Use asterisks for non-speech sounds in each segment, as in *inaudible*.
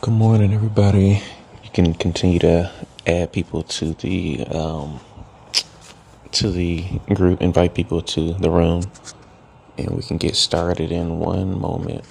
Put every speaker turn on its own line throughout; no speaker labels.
Good morning, everybody. You can continue to add people to the um, to the group, invite people to the room, and we can get started in one moment.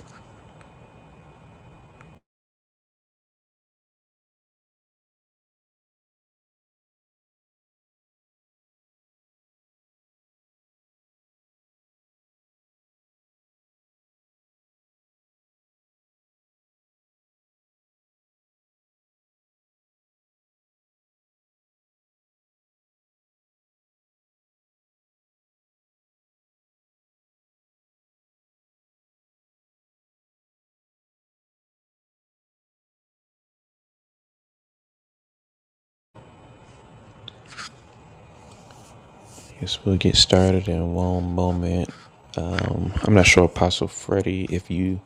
Yes, we'll get started in one moment. Um, I'm not sure, Apostle Freddie, if you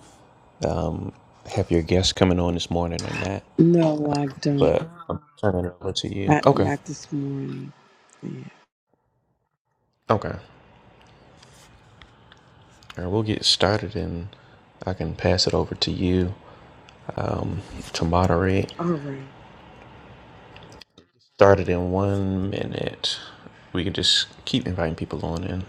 have your guests coming on this morning or not,
No, I don't.
but I'm turning it over to you.
Not,
Okay,
not this morning. Yeah.
okay. All right, we'll get started, and I can pass it over to you um, to moderate.
All right.
started in one minute. We can just keep inviting people on in.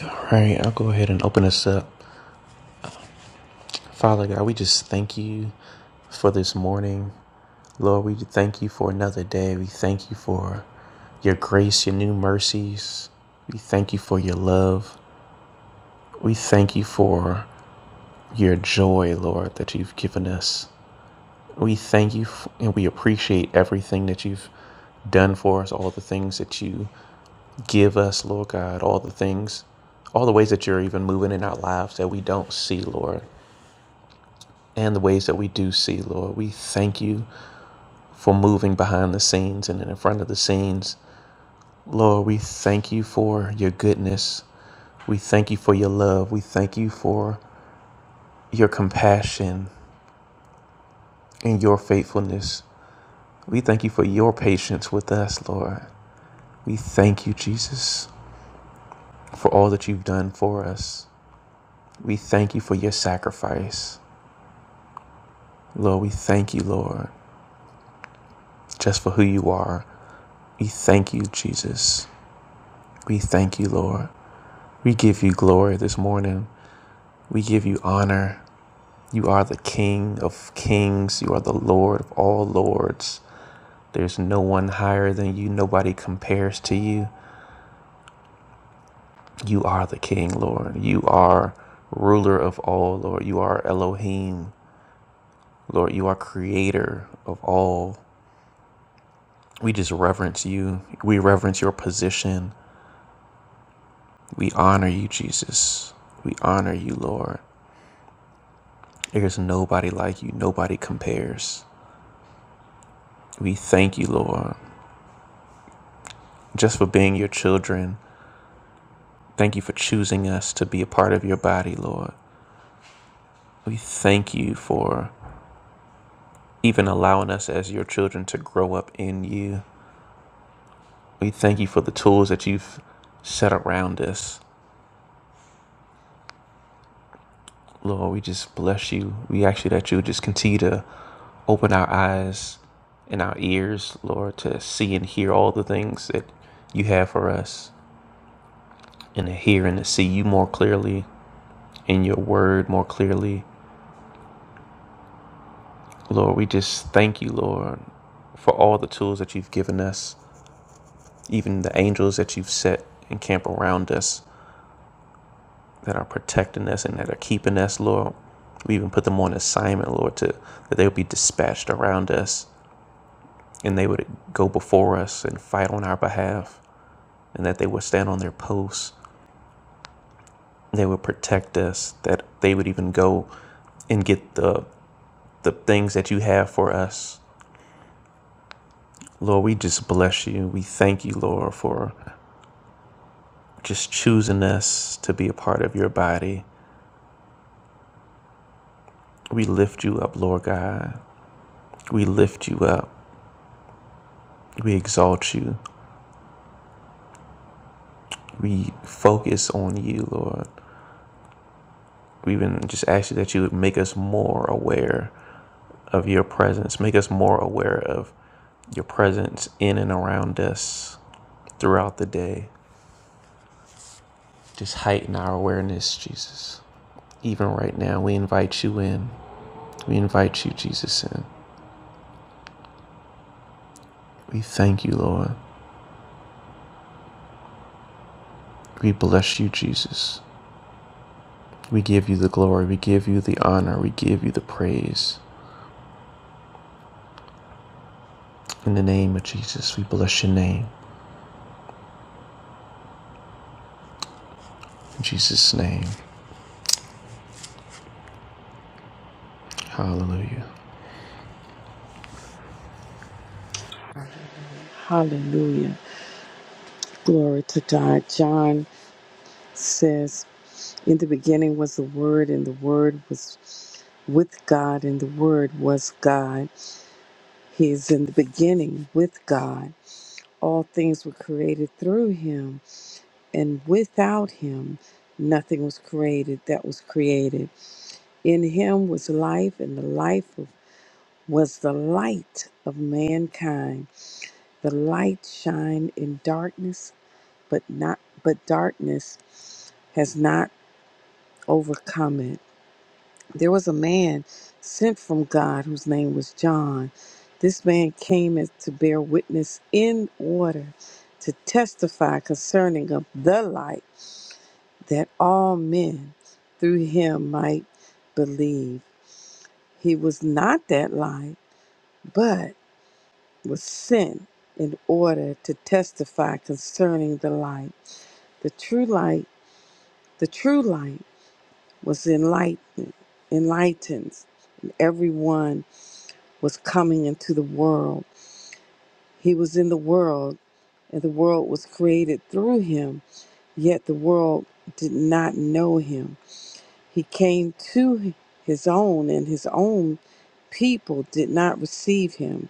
All right, I'll go ahead and open us up. Father God, we just thank you for this morning. Lord, we thank you for another day. We thank you for your grace, your new mercies. We thank you for your love. We thank you for your joy, Lord, that you've given us. We thank you f- and we appreciate everything that you've done for us, all the things that you give us, Lord God, all the things, all the ways that you're even moving in our lives that we don't see, Lord, and the ways that we do see, Lord. We thank you for moving behind the scenes and in front of the scenes. Lord, we thank you for your goodness. We thank you for your love. We thank you for your compassion and your faithfulness. We thank you for your patience with us, Lord. We thank you, Jesus, for all that you've done for us. We thank you for your sacrifice. Lord, we thank you, Lord, just for who you are. We thank you, Jesus. We thank you, Lord. We give you glory this morning. We give you honor. You are the King of kings. You are the Lord of all lords. There's no one higher than you. Nobody compares to you. You are the King, Lord. You are ruler of all, Lord. You are Elohim. Lord, you are creator of all. We just reverence you. We reverence your position. We honor you, Jesus. We honor you, Lord. There is nobody like you, nobody compares. We thank you, Lord, just for being your children. Thank you for choosing us to be a part of your body, Lord. We thank you for even allowing us as your children to grow up in you. We thank you for the tools that you've set around us Lord, we just bless you. We ask you that you just continue to open our eyes and our ears, Lord, to see and hear all the things that you have for us and to hear and to see you more clearly in your word more clearly. Lord, we just thank you, Lord, for all the tools that you've given us, even the angels that you've set and camp around us that are protecting us and that are keeping us, Lord. We even put them on assignment, Lord, to that they'll be dispatched around us and they would go before us and fight on our behalf, and that they would stand on their posts. They would protect us, that they would even go and get the, the things that you have for us. Lord, we just bless you. We thank you, Lord, for just choosing us to be a part of your body. We lift you up, Lord God. We lift you up. We exalt you. We focus on you, Lord. We even just ask you that you would make us more aware of your presence. Make us more aware of your presence in and around us throughout the day. Just heighten our awareness, Jesus. Even right now, we invite you in. We invite you, Jesus, in. We thank you, Lord. We bless you, Jesus. We give you the glory. We give you the honor. We give you the praise. In the name of Jesus, we bless your name. In Jesus' name, hallelujah.
Hallelujah. Glory to God. John says, In the beginning was the Word, and the Word was with God, and the Word was God. He is in the beginning with God. All things were created through Him, and without Him, nothing was created that was created. In Him was life, and the life of- was the light of mankind The light shined in darkness, but not but darkness has not overcome it. There was a man sent from God whose name was John. This man came as to bear witness in order to testify concerning of the light that all men through him might believe. He was not that light, but was sent in order to testify concerning the light. The true light The true light was enlight, enlightened. Everyone was coming into the world. He was in the world, and the world was created through him, yet the world did not know him. He came to his own, and his own people did not receive him.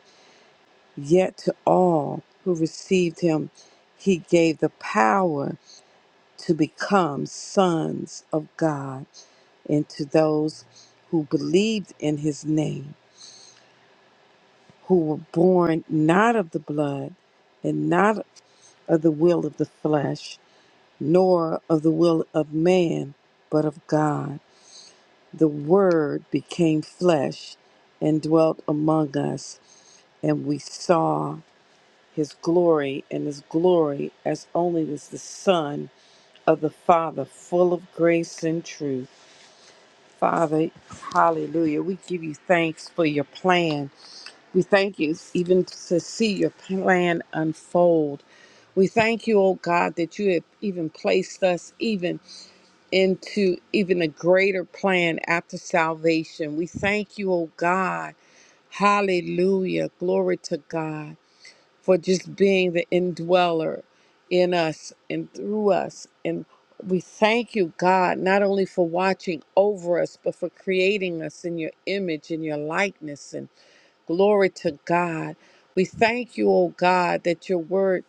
Yet to all who received him, he gave the power to become sons of God and to those who believed in his name, who were born not of the blood, and not of the will of the flesh, nor of the will of man, but of God. The Word became flesh and dwelt among us, and we saw his glory, and his glory as only was the Son of the Father, full of grace and truth. Father, hallelujah. We give you thanks for your plan We thank you even to see your plan unfold. We thank you, oh God, that you have even placed us even into even a greater plan after salvation. We thank you, oh God. Hallelujah. Glory to God for just being the indweller in us and through us. And we thank you, God, not only for watching over us, but for creating us in your image and your likeness. Glory to God. We thank you, O God, that your word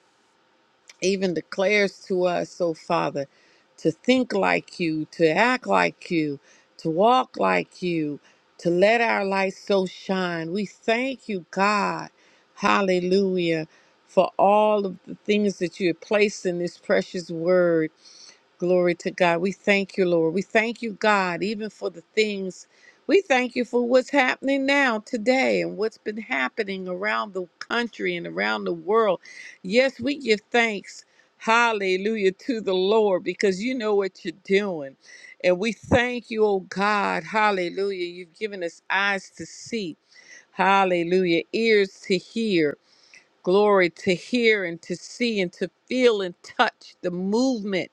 even declares to us, oh Father, to think like you, to act like you, to walk like you, to let our light so shine. We thank you, God. Hallelujah. For all of the things that you have placed in this precious word. Glory to God. We thank you, Lord. We thank you, God, even for the things. We thank you for what's happening now, today, and what's been happening around the country and around the world. Yes, we give thanks, hallelujah, to the Lord because you know what you're doing. And we thank you, oh God, hallelujah. You've given us eyes to see, hallelujah, ears to hear. Glory to hear and to see and to feel and touch the movement,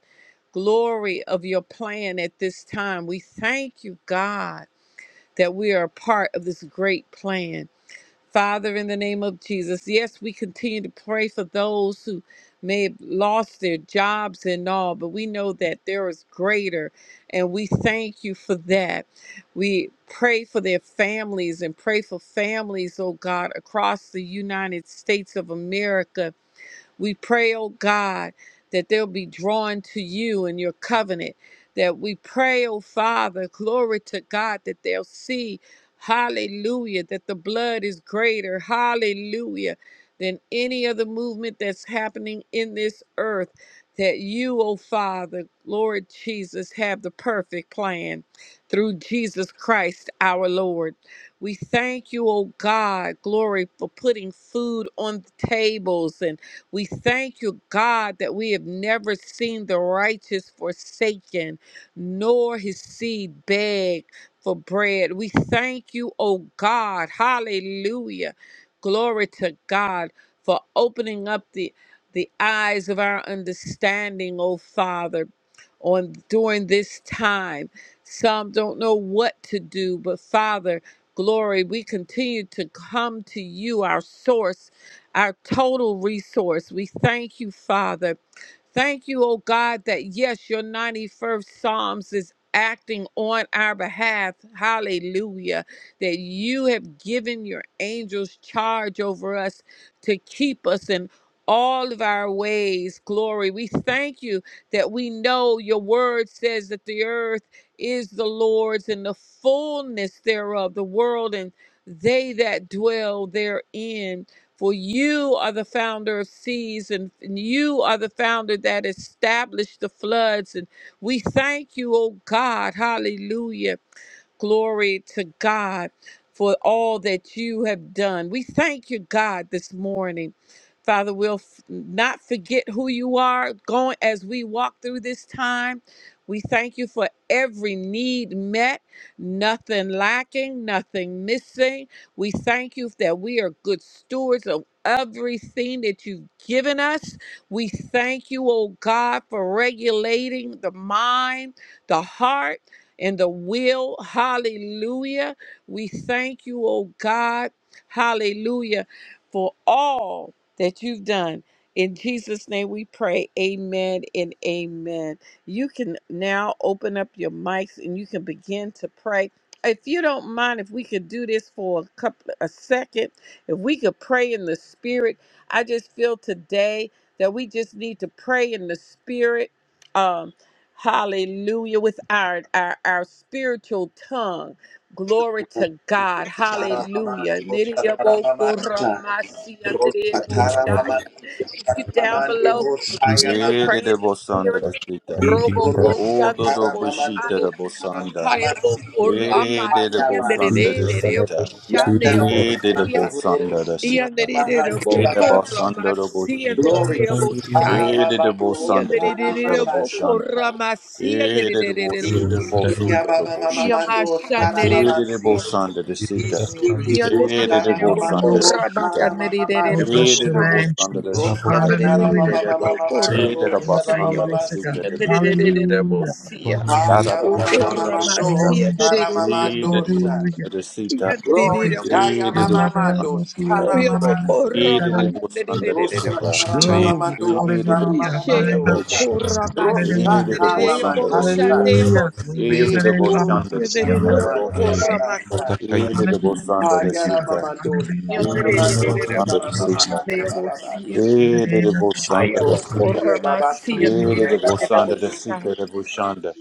glory of your plan at this time. We thank you, God, that we are a part of this great plan. Father, in the name of Jesus, yes, we continue to pray for those who may have lost their jobs and all, but we know that there is greater, and we thank you for that. We pray for their families and pray for families, oh God, across the United States of America we pray, oh God, that they'll be drawn to you and your covenant. That we pray, oh Father, glory to God, that they'll see, hallelujah, that the blood is greater, hallelujah, than any other movement that's happening in this earth. That you, oh Father, Lord Jesus, have the perfect plan through Jesus Christ our Lord. We thank you, oh God, glory, for putting food on the tables and. We thank you, God, that we have never seen the righteous forsaken, nor his seed beg for bread. We thank you, oh God. Hallelujah. Glory to God for opening up the the eyes of our understanding, oh Father, on during this time. Some don't know what to do, but Father, glory, we continue to come to you, our source our total resource. We thank you, Father. Thank you, oh God, that yes, your 91st Psalms is acting on our behalf. Hallelujah. That you have given your angels charge over us to keep us in all of our ways. Glory. We thank you that we know your word says that the earth is the Lord's and the fullness thereof, the world and they that dwell therein. For you are the founder of seas, and, and you are the founder that established the floods. And we thank you, oh God. Hallelujah. Glory to God for all that you have done. We thank you, God, this morning. Father, we'll f- not forget who you are going as we walk through this time. We thank you for every need met, nothing lacking, nothing missing. We thank you that we are good stewards of everything that you've given us. We thank you, oh God, for regulating the mind, the heart, and the will. Hallelujah. We thank you, oh God. Hallelujah. For all that you've done. In Jesus' name we pray. Amen and amen. You can now open up your mics and you can begin to pray if you don't mind if we could do this for a couple a second if we could pray in the spirit i just feel today that we just need to pray in the spirit um hallelujah with our our, our spiritual tongue glory to god
Shara
hallelujah
Mamando, shara Mama, ro shara Mama,
Nidiyabo-koramasi-andrebo-shaya.
do
if you
Shara
down
Mamando,
below
Roshaya
begin to
Mama,
Ede
pray
de
in the
bosanda
spirit
de sita.
Robo
Yekoro
Odo do
Satara
bishita de
Mamando, Shara
bosanda.
Mama,
Hayabo Korama
Ede de
Roshaya Mama,
Siandere
bosanda de sita.
Shande
Yandara
Ede de
shara
Abosia
bosanda de
Roshara
sita.
Mahandi
Yanderebo
Ede
Baba,
Korama
bosanda de bosita.
Glory
Sianderebo
Jesus, Shara
Shaya
Ede de
Mamando,
bosanda de
Shara
sita de
Yanderebo
Mamando,
boshanda.
Korama
Ede de boshita
Sianderebo
de
Sia
Isiti
bosuto de
Baba
boshita.
Mamando, Shara
Yamashanderebo
Ede de
Mamasi,
Kosa
bosanda de sita.
Glory
Isiti
Ede de
to
Shara
Yanderebo
your
bosanda
name.
de
Mamando,
Korama
Shara
sita.
Oh,
Kanderebo
bless
Mamando,
Ede
your
de
Saya
name,
bosanda de
Jesus.
sita de
Rosatara
bosanda.
Hallelujah.
mama
Yanderebo
mama mama
Dee
do
da
Korama
da
Oh,
shara mama
Shaya
basanda
glory
da
mama
to
sika
God.
da
siki.
bishita.
Yanderebo
Hallelujah.
Sia
Da da
Haya
da
O
mama mama
basanda da
mama
Bless
Korama
your
sika.
do
name,
shara
Jesus.
Sianderebo
mama
Dee da
do
da
sha.
Hallelujah.
basanda da
Oh,
sika.
Glory.
Glory to God.
Dee
Haya
da
You're
da
mama
not
mama
able
do
you're
shara
not
mama
alone. You're
Corra
siki.
not alone,
Machai, Ere, Ere,
basanda da sika.
Rosatara mama mama
Glory.
do
Dee da da
shara mama
Hallelujah. In
mama
the
basanda da
name
do
of
sika.
sha.
Jesus.
Dee da
Hallelujah.
da
Rosatara mama
basanda da
do
sika.
sha.
Hallelujah. Glory
Dee
in
da
the
da
name of
Ikuru
my
basanda da
Master. You're
shara
not
sika.
mama
able.
dia
See?
baba sha.
Dee da da basanda da sika. Dee da da
Thank
Hallelujah.
basanda da
Thank you,
Haya
God.
mama
sika.
do
Dee
shara
Hallelujah.
mama do shara
May you
mama
be
hada
praised.
baba. sa.
In the
da da
name of
basanda
Jesus.
da sika.
Toshiye babasi
Ere
diye
Hallelujah.
de bosanda de
babasi
sita de boshanda.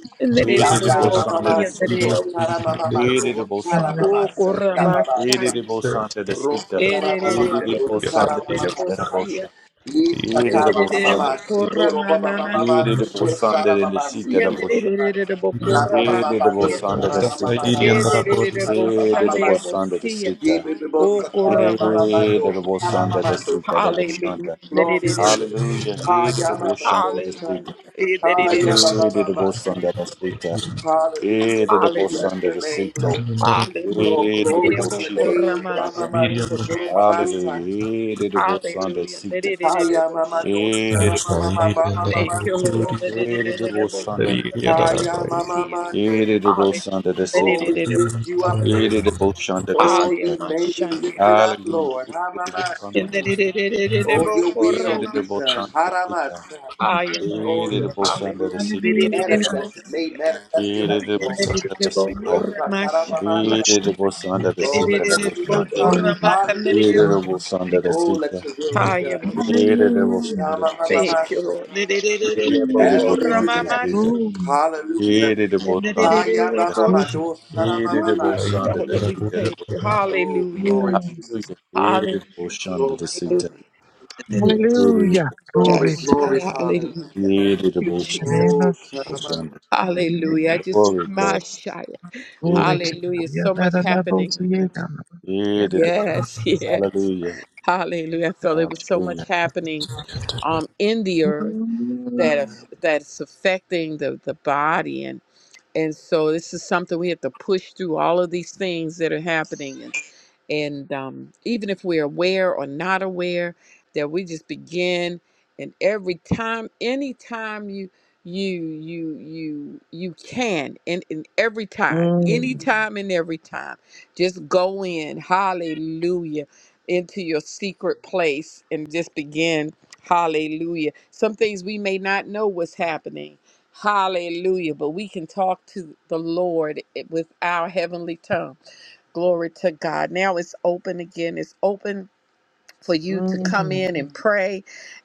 Ere de
yanda
bosanda de
babamaso
sita.
toshara mamamando
Ere de
toshara
bosanda de
mamasi
sita.
babasa
Ere de bosanda de
rosa
sita.
tara
Ere
mamamando
de
toshara
bosanda de sita de
mamasa
bosha.
yita
Ere de
tara
Yenderere
bosanda de
mamamaso
sita.
bokorra
toro
mamasha.
Ere de
babamaso
bosanda
toshara
de
mamasi
sita de bosha.
bibosa
Yenderere
la
bokorra
Ere
mamamando
de
masia.
bosanda
toshara
de sita.
mamamamando
Ederere
you.
toshara
Eh, de
boshande
double
babamasi
shanda de
bosia.
sita.
O
yibibosa tara
korra masia.
Eh,
mamamando
de double
toshara
Hallelujah,
shanda de
mamando
sita, double
Hallelujah.
shanda.
Glory
Yenderere
to you.
bosia.
Hallelujah. Eh, de double shanda de
Ayamamadosa.
sita.
Hallelujah. Ederere
Eh,
bosia.
de double
Ayamamamasa.
shanda de sita. Eh,
Hallelujah,
de
Lord. We
double
bless
Hallelujah.
shanda
your
de
name,
sita.
Lord.
Hallelujah.
Oh,
Eh, de
glory
Yenderere
double
to your
shita
bokorra
name.
masia.
shanda.
Ramamadosa.
Hallelujah. Eh, de double shanda de
Hallelujah.
sita.
Yenderere bosha.
Ayamamadosa.
Eh, de double shanda de sita.
Thank you, Lord.
Ramamamamamamamasa.
Eh, de
Yenderere
double shanda de sita.
bokorra. Yenderere bosia.
Ayamamamado.
Eh, de double shanda de
Hallelujah.
Oh, we
sita.
Ederere
lift you up,
bosia.
Eh, de
Lord.
double shanda de
Oh,
Aya
sita.
your name be
mashandi.
lifted up,
Hallelujah.
Lord. Hamamasa.
Yendererererere
Oh, your
bokora
Hallelujah.
will be
mas.
done. Haramasa.
Aya mas.
Oh, your perfect will be
Hallelujah. Dererere
manifested, made
bosia.
manifested as
Glory
God.
praise to you,
Yendererere
Lord God.
bokora
Lord, we
mashaya.
Rosataramasa.
Bless you. Thank
Oh, let your
Yendererere
you.
kingdom come.
Glory
bokora
to God. You
Hallelujah.
are
makanderema.
worthy, God.
Oh, let your will be done.
Aya mas.
Hallelujah.
Thank you,
Iramamamamasa.
Lord. Dererere
As it
bokora
Hallelujah.
is in heaven.
mamatsi.
Glory.
Hallelujah.
Yendererere
Glory.
bokosha.
Hayabamamado saramamamasa.
Hallelujah.
Father, we thank you.
Oh,
Hallelujah.
glory,
Glory.
Jesus.
Hallelujah.
Glory, Father.
Hallelujah.
Hallelujah.
Glory,
Glory
Yes.
to God.
glory, Father.
Hallelujah. Thank you,
In the
Jesus.
name
Oh,
of Jesus.
saramamamasa.
Ocean.
In the name
Hallelujah. I
of
just
Glory, glory.
my
Jesus.
shy.
Yeah,
Glory to God.
Hallelujah.
Yeah,
So
that
much
da, da, bo,
happening.
so,
I
yeah, da,
just-
yeah,
yeah,
did
that
it.
da, da.
yes, *laughs* yes.
Hallelujah.
Hallelujah. I felt it was so much
Hallelujah.
happening um in the earth that
Mm,
that is affecting the, the body and so this is something we have to push through all of these things that are happening and and um, even if we're aware or not aware that we just begin and every time anytime you you you you you can and, and every time
mm,
anytime and every time just go in hallelujah into your secret place and just begin hallelujah some things we may not know what's happening Hallelujah. But we can talk to the Lord with our heavenly tongue. Glory to God. Now it's open again. It's open for you to come
mm.
in and pray.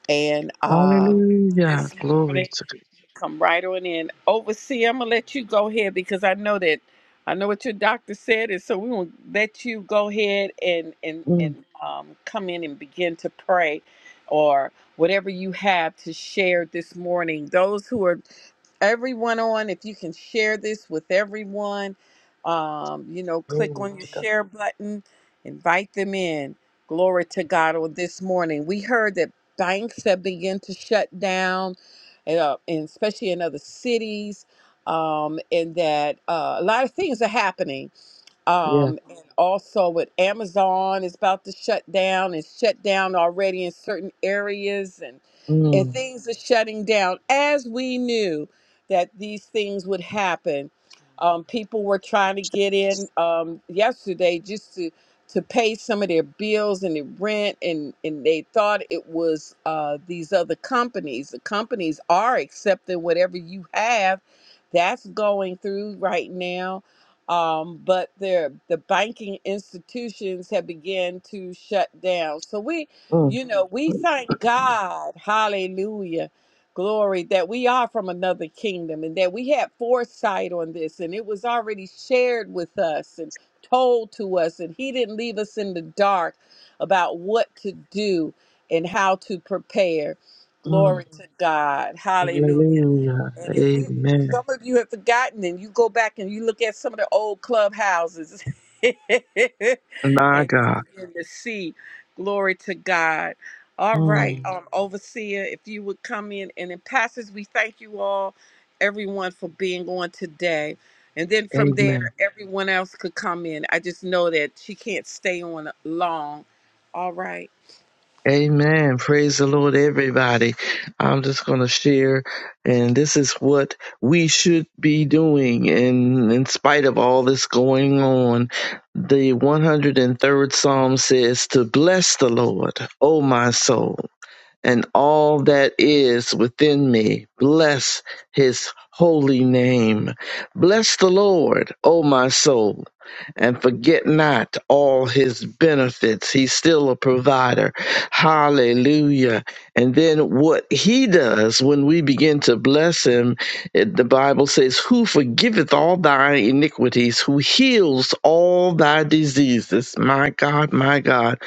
And uh,
Hallelujah.
this
Glory
morning,
to God.
come right on in. Overseer, I'm going to let you go ahead because I know that. I know what your doctor said, and so we will let you go ahead and and
Mm,
and um, come in and begin to pray, or whatever you have to share this morning. Those who are everyone on. If you can share this with everyone, um, you know, click
glory
on your
to God.
share button, invite them in. Glory to God. On this morning, we heard that banks have begun to shut down, uh, and especially in other cities, um, and that uh, a lot of things are happening
Yeah.
um, and also with Amazon is about to shut down It's shut down already in certain areas and and
Mm,
things are shutting down as we knew that these things would happen. Um, people were trying to get in um, yesterday just to to pay some of their bills and their rent and and they thought it was uh, these other companies. The companies are accepting whatever you have that's going through right now um, but their the banking institutions have began to shut down. So we,
mm,
you know, Mhm. we thank God, Hallelujah, glory, that we are from another kingdom and that we had foresight on this, and it was already shared with us and told to us, and He didn't leave us in the dark about what to do and how to prepare.
mm.
Glory to Mhm. God, Hallelujah.
Hallelujah.
And if we,
Amen.
some of you have forgotten, and you go back and you look at some of the old clubhouses, *laughs* and you
My God.
begin to see, glory to God. All right,
Mm,
um, overseer, if you would come in, and in passage, we thank you all, everyone, for being on today. And then from there,
amen.
everyone else could come in. I just know that she can't stay on long. All right.
Amen. Praise the Lord, everybody. I'm just going to share, and this is what we should be doing. And in spite of all this going on, the 103rd Psalm says, To bless the Lord, O my soul and all that is within me. Bless his holy name. Bless the Lord, O my soul, and forget not all his benefits. He's still a provider. Hallelujah. And then what he does when we begin to bless him, it- the Bible says, Who forgiveth all thy iniquities, who heals all thy diseases. My God, my God,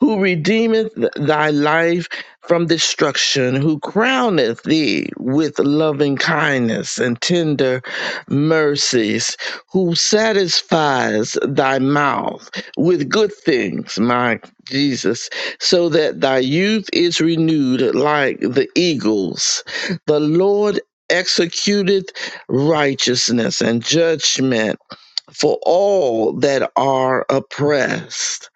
who redeemeth th- thy life from destruction, who crowneth thee with loving kindness and tender mercies, who satisfies thy mouth with good things, my Jesus, so that thy youth is renewed like the eagles. The Lord executeth righteousness and judgment for all that are oppressed.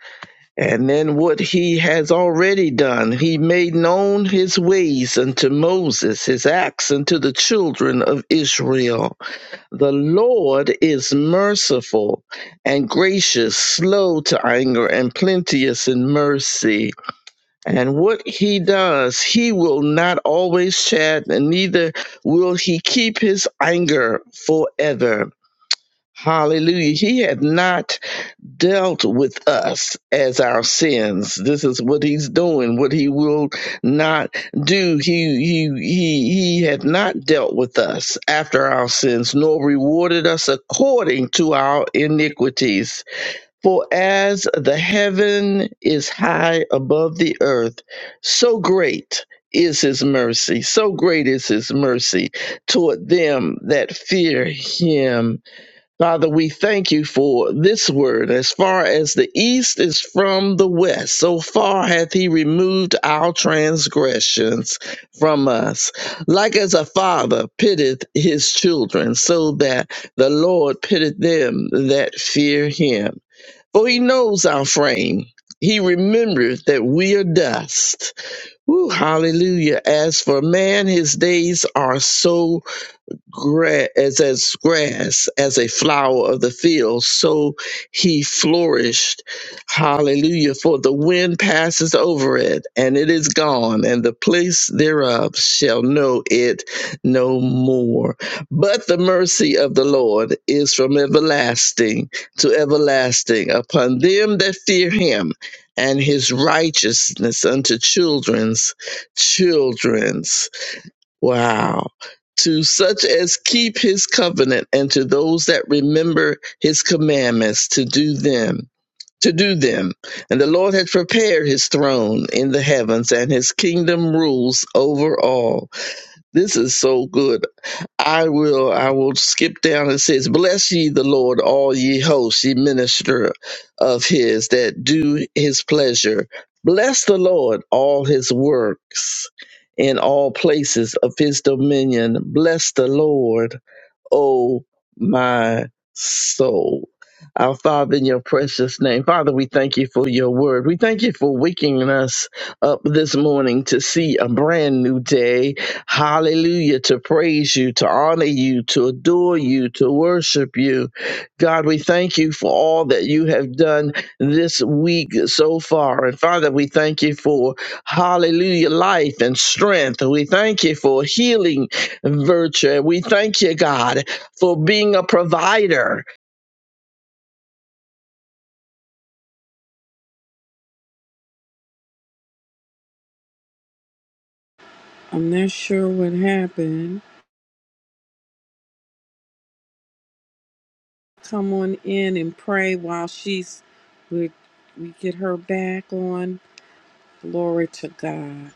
And then what he has already done, he made known his ways unto Moses, his acts unto the children of Israel. The Lord is merciful and gracious, slow to anger, and plenteous in mercy. And what he does, he will not always chat, and neither will he keep his anger forever. Hallelujah. He had not dealt with us as our sins. This is what he's doing, what he will not do. He he he he had not dealt with us after our sins, nor rewarded us according to our iniquities. For as the heaven is high above the earth, so great is his mercy, so great is his mercy toward them that fear him Father, we thank you for this word. As far as the east is from the west, so far hath he removed our transgressions from us. Like as a father pitteth his children, so that the Lord pitteth them that fear him. For he knows our frame. He remembereth that we are dust. Woo, hallelujah. As for man, his days are so gra- as as grass, as a flower of the field, so he flourished. Hallelujah! For the wind passes over it, and it is gone, and the place thereof shall know it no more. But the mercy of the Lord is from everlasting to everlasting upon them that fear Him, and His righteousness unto children's children. Wow. To such as keep his covenant and to those that remember his commandments to do them, to do them. And the Lord has prepared his throne in the heavens and his kingdom rules over all. This is so good. I will I will skip down and says, Bless ye the Lord, all ye hosts, ye minister of his that do his pleasure. Bless the Lord, all his works in all places of his dominion. Bless the Lord oh my soul. Our Father, in your precious name. Father, we thank you for your word. We thank you for waking us up this morning to see a brand new day. Hallelujah. To praise you, to honor you, to adore you, to worship you. God, we thank you for all that you have done this week so far. And Father, we thank you for hallelujah life and strength. We thank you for healing virtue. We thank you, God, for being a provider.
I'm not sure what happened. come on in and pray while she's we, we get her back on. Glory to God.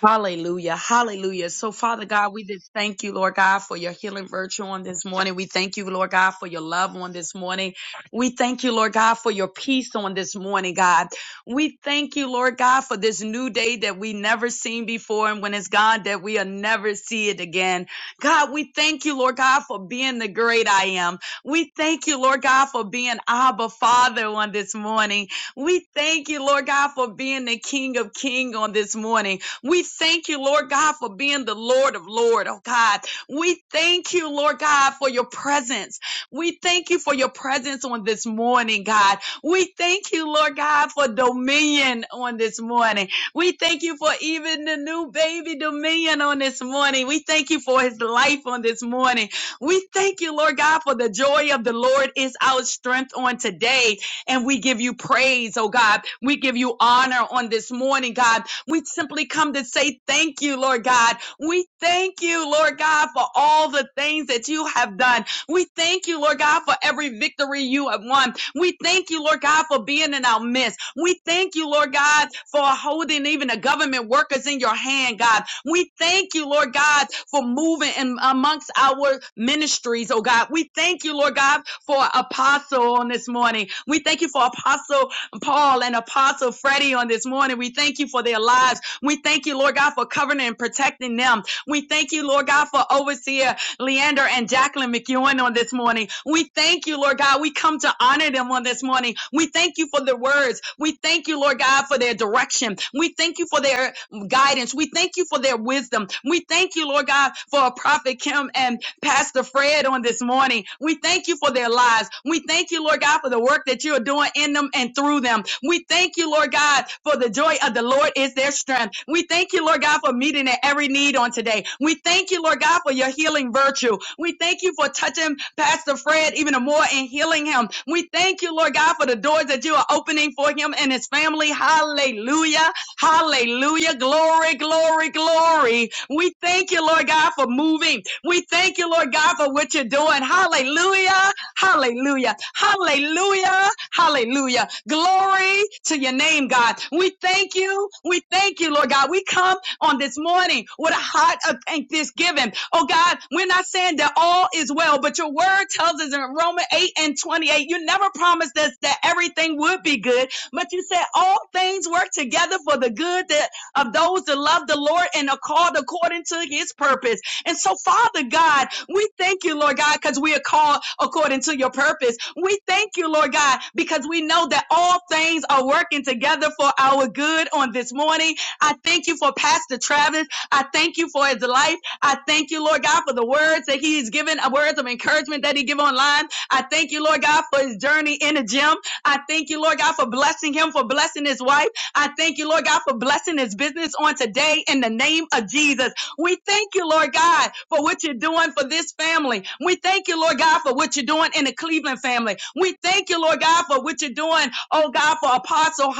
Hallelujah. Hallelujah. So, Father God, we just thank you, Lord God, for your healing virtue on this morning. We thank you, Lord God, for your love on this morning. We thank you, Lord God, for your peace on this morning, God. We thank you, Lord God, for this new day that we never seen before. And when it's gone, that we'll never see it again. God, we thank you, Lord God, for being the great I am. We thank you, Lord God, for being Abba Father on this morning. We thank you, Lord God, for being the King of King on this morning. We thank you, Lord God, for being the Lord of Lord, oh God. We thank you, Lord God, for your presence. We thank you for your presence on this morning, God. We thank you, Lord God, for dominion on this morning. We thank you for even the new baby dominion on this morning. We thank you for his life on this morning. We thank you, Lord God, for the joy of the Lord is our strength on today. And we give you praise, oh God. We give you honor on this morning, God we simply come to say thank you, Lord God. We thank you, Lord God, for all the things that you have done. We thank you, Lord God, for every victory you have won. We thank you, Lord God, for being in our midst. We thank you, Lord God, for holding even the government workers in your hand, God. We thank you, Lord God, for moving in amongst our ministries, oh God. We thank you, Lord God, for Apostle on this morning. We thank you for Apostle Paul and Apostle Freddie on this morning. We thank you for their lives. We thank you, Lord God, for covering and protecting them. We thank you, Lord God, for overseer Leander and Jacqueline McEwen on this morning. We thank you, Lord God. We come to honor them on this morning. We thank you for the words. We thank you, Lord God, for their direction. We thank you for their guidance. We thank you for their wisdom. We thank you, Lord God, for Prophet Kim and Pastor Fred on this morning. We thank you for their lives. We thank you, Lord God, for the work that you are doing in them and through them. We thank you, Lord God, for the joy of the Lord is their strength. We thank you, Lord God, for meeting their every need on today. We thank you, Lord God, for your healing virtue. We thank you for touching Pastor Fred even more and healing him. We thank you, Lord God, for the doors that you are opening for him and his family. Hallelujah. Hallelujah. Glory, glory, glory. We thank you, Lord God, for moving. We thank you, Lord God, for what you're doing. Hallelujah. Hallelujah. Hallelujah. Hallelujah. Glory to your name, God. We thank you. We thank you, Lord God. We come on this morning with a heart of thank- thanksgiving. Oh God, we're not saying that all is well, but your word tells us in Romans 8 and 28, you never promised us that everything would be good but you said all things work together for the good that of those that love the Lord and are called according to his purpose. And so, Father God, we thank you, Lord God, because we are called according to your purpose. We thank you, Lord God, because we know that all things are working together for our good on this morning. I thank you for Pastor Travis. I thank you for his life. I thank you, Lord God, for the words that he's given, uh, words of encouragement that he give online. I thank you, Lord God, for his journey in the gym. I thank you, Lord God, for blessing him, for blessing his wife. I thank you, Lord God, for blessing his business on today in the name of Jesus. We thank you, Lord God, for what you're doing for this family. We thank you, Lord God, for what you're doing in the Cleveland family. We thank you, Lord God, for what you're doing, oh God, for Apostle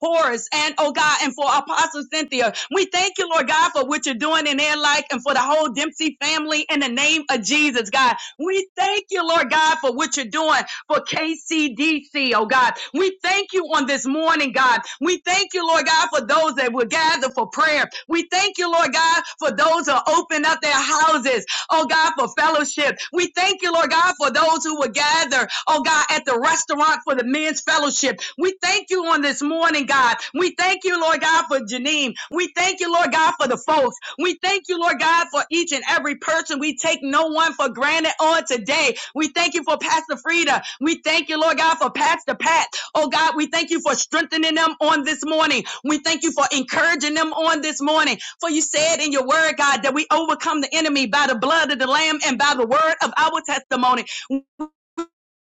Horace, and oh God, and for Apostle Cynthia. We thank you, Lord God, for what you're doing in their life and for the whole Dempsey family in the name of Jesus, God. We thank you, Lord God, for what you're doing for KCDC, oh God. We thank you on this morning, God. We thank you, Lord God, for those that will gather for prayer. We thank you, Lord God, for those who open up their houses oh God, for fellowship. We thank you, Lord God, for those who will gather, oh God, at the restaurant for the men's fellowship. We thank you on this morning, God. We thank you, Lord God, for Janine. We thank you, Lord God, for the folks. We thank you, Lord God, for each and every person. We take no one for granted on today. We thank you for Pastor Frida. We thank you, Lord God, for Pastor Pat. Oh God, we thank you for strengthening them on this morning. We thank you for encouraging them on this morning. For you said in your word, God, that we overcome the enemy by the blood of the Lamb and by the word of our testimony.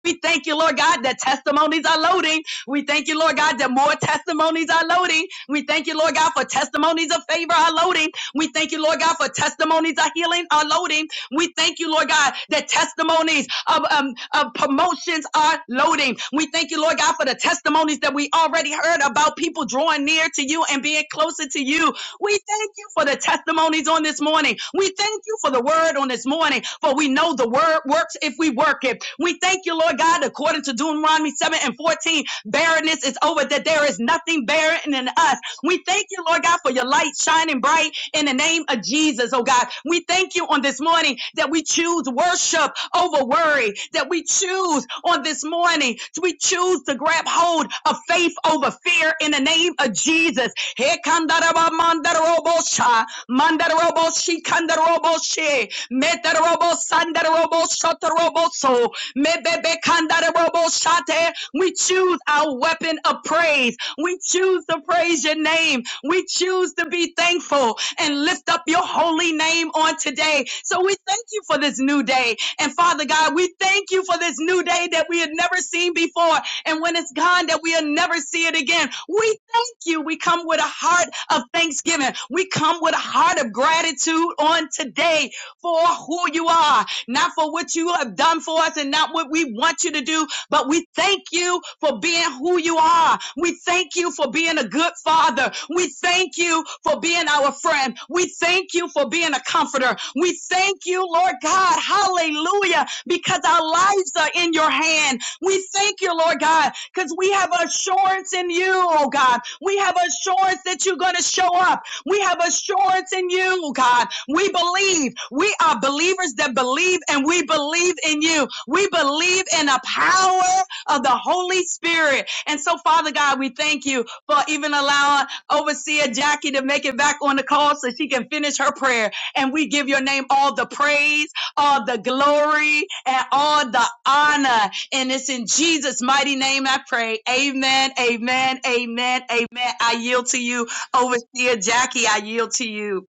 We thank you, Lord God, that testimonies are loading. We thank you, Lord God, that more testimonies are loading. We thank you, Lord God, for testimonies of favor are loading. We thank you, Lord God, for testimonies of healing are loading. We thank you, Lord God, that testimonies of, um, of promotions are loading. We thank you, Lord God, for the testimonies that we already heard about people drawing near to you and being closer to you. We thank you for the testimonies on this morning. We thank you for the word on this morning, for we know the word works if we work it. We thank you, Lord God, according to Deuteronomy 7 and 14, barrenness is over, that there is nothing barren in us. We thank you, Lord God, for your light shining bright in the name of Jesus, oh God. We thank you on this morning that we choose worship over worry, that we choose on this morning, we choose to grab hold of faith over fear in the name of Jesus Hekandaraba mandarobosha, mandaroboshi kandaroboshe, metarobo sandarobo shotaroboso, mebebe kandaroboshate. We choose our weapon of praise. We choose to praise your name. We choose to be thankful and lift up your holy name on today. So we thank you for this new day. And Father God, we thank you for this new day that we had never seen before. And when it's gone, that we'll never see it again. We thank you. We come with a heart of thanksgiving. We come with a heart of gratitude on today for who you are, not for what you have done for us and not what we want you to do, but we thank you for being who you are. We thank you for being a good father. We thank you for being our friend. We thank you for being a comforter. We thank you, Lord God. Hallelujah. Because our lives are in your hand we thank you, Lord God, because we have assurance in you, oh God. We have assurance that you're going to show up. We have assurance in you, oh God. We believe. We are believers that believe and we believe in you. We believe in the power of the Holy Spirit. And so, Father God, we thank you for even allowing Overseer Jackie to make it back on the call so she can finish her prayer. And we give your name all the praise, all the glory, and all the honor. And it's in Jesus' mighty name I pray. Amen, amen, amen, amen. I yield to you, Overseer Jackie. I yield to you.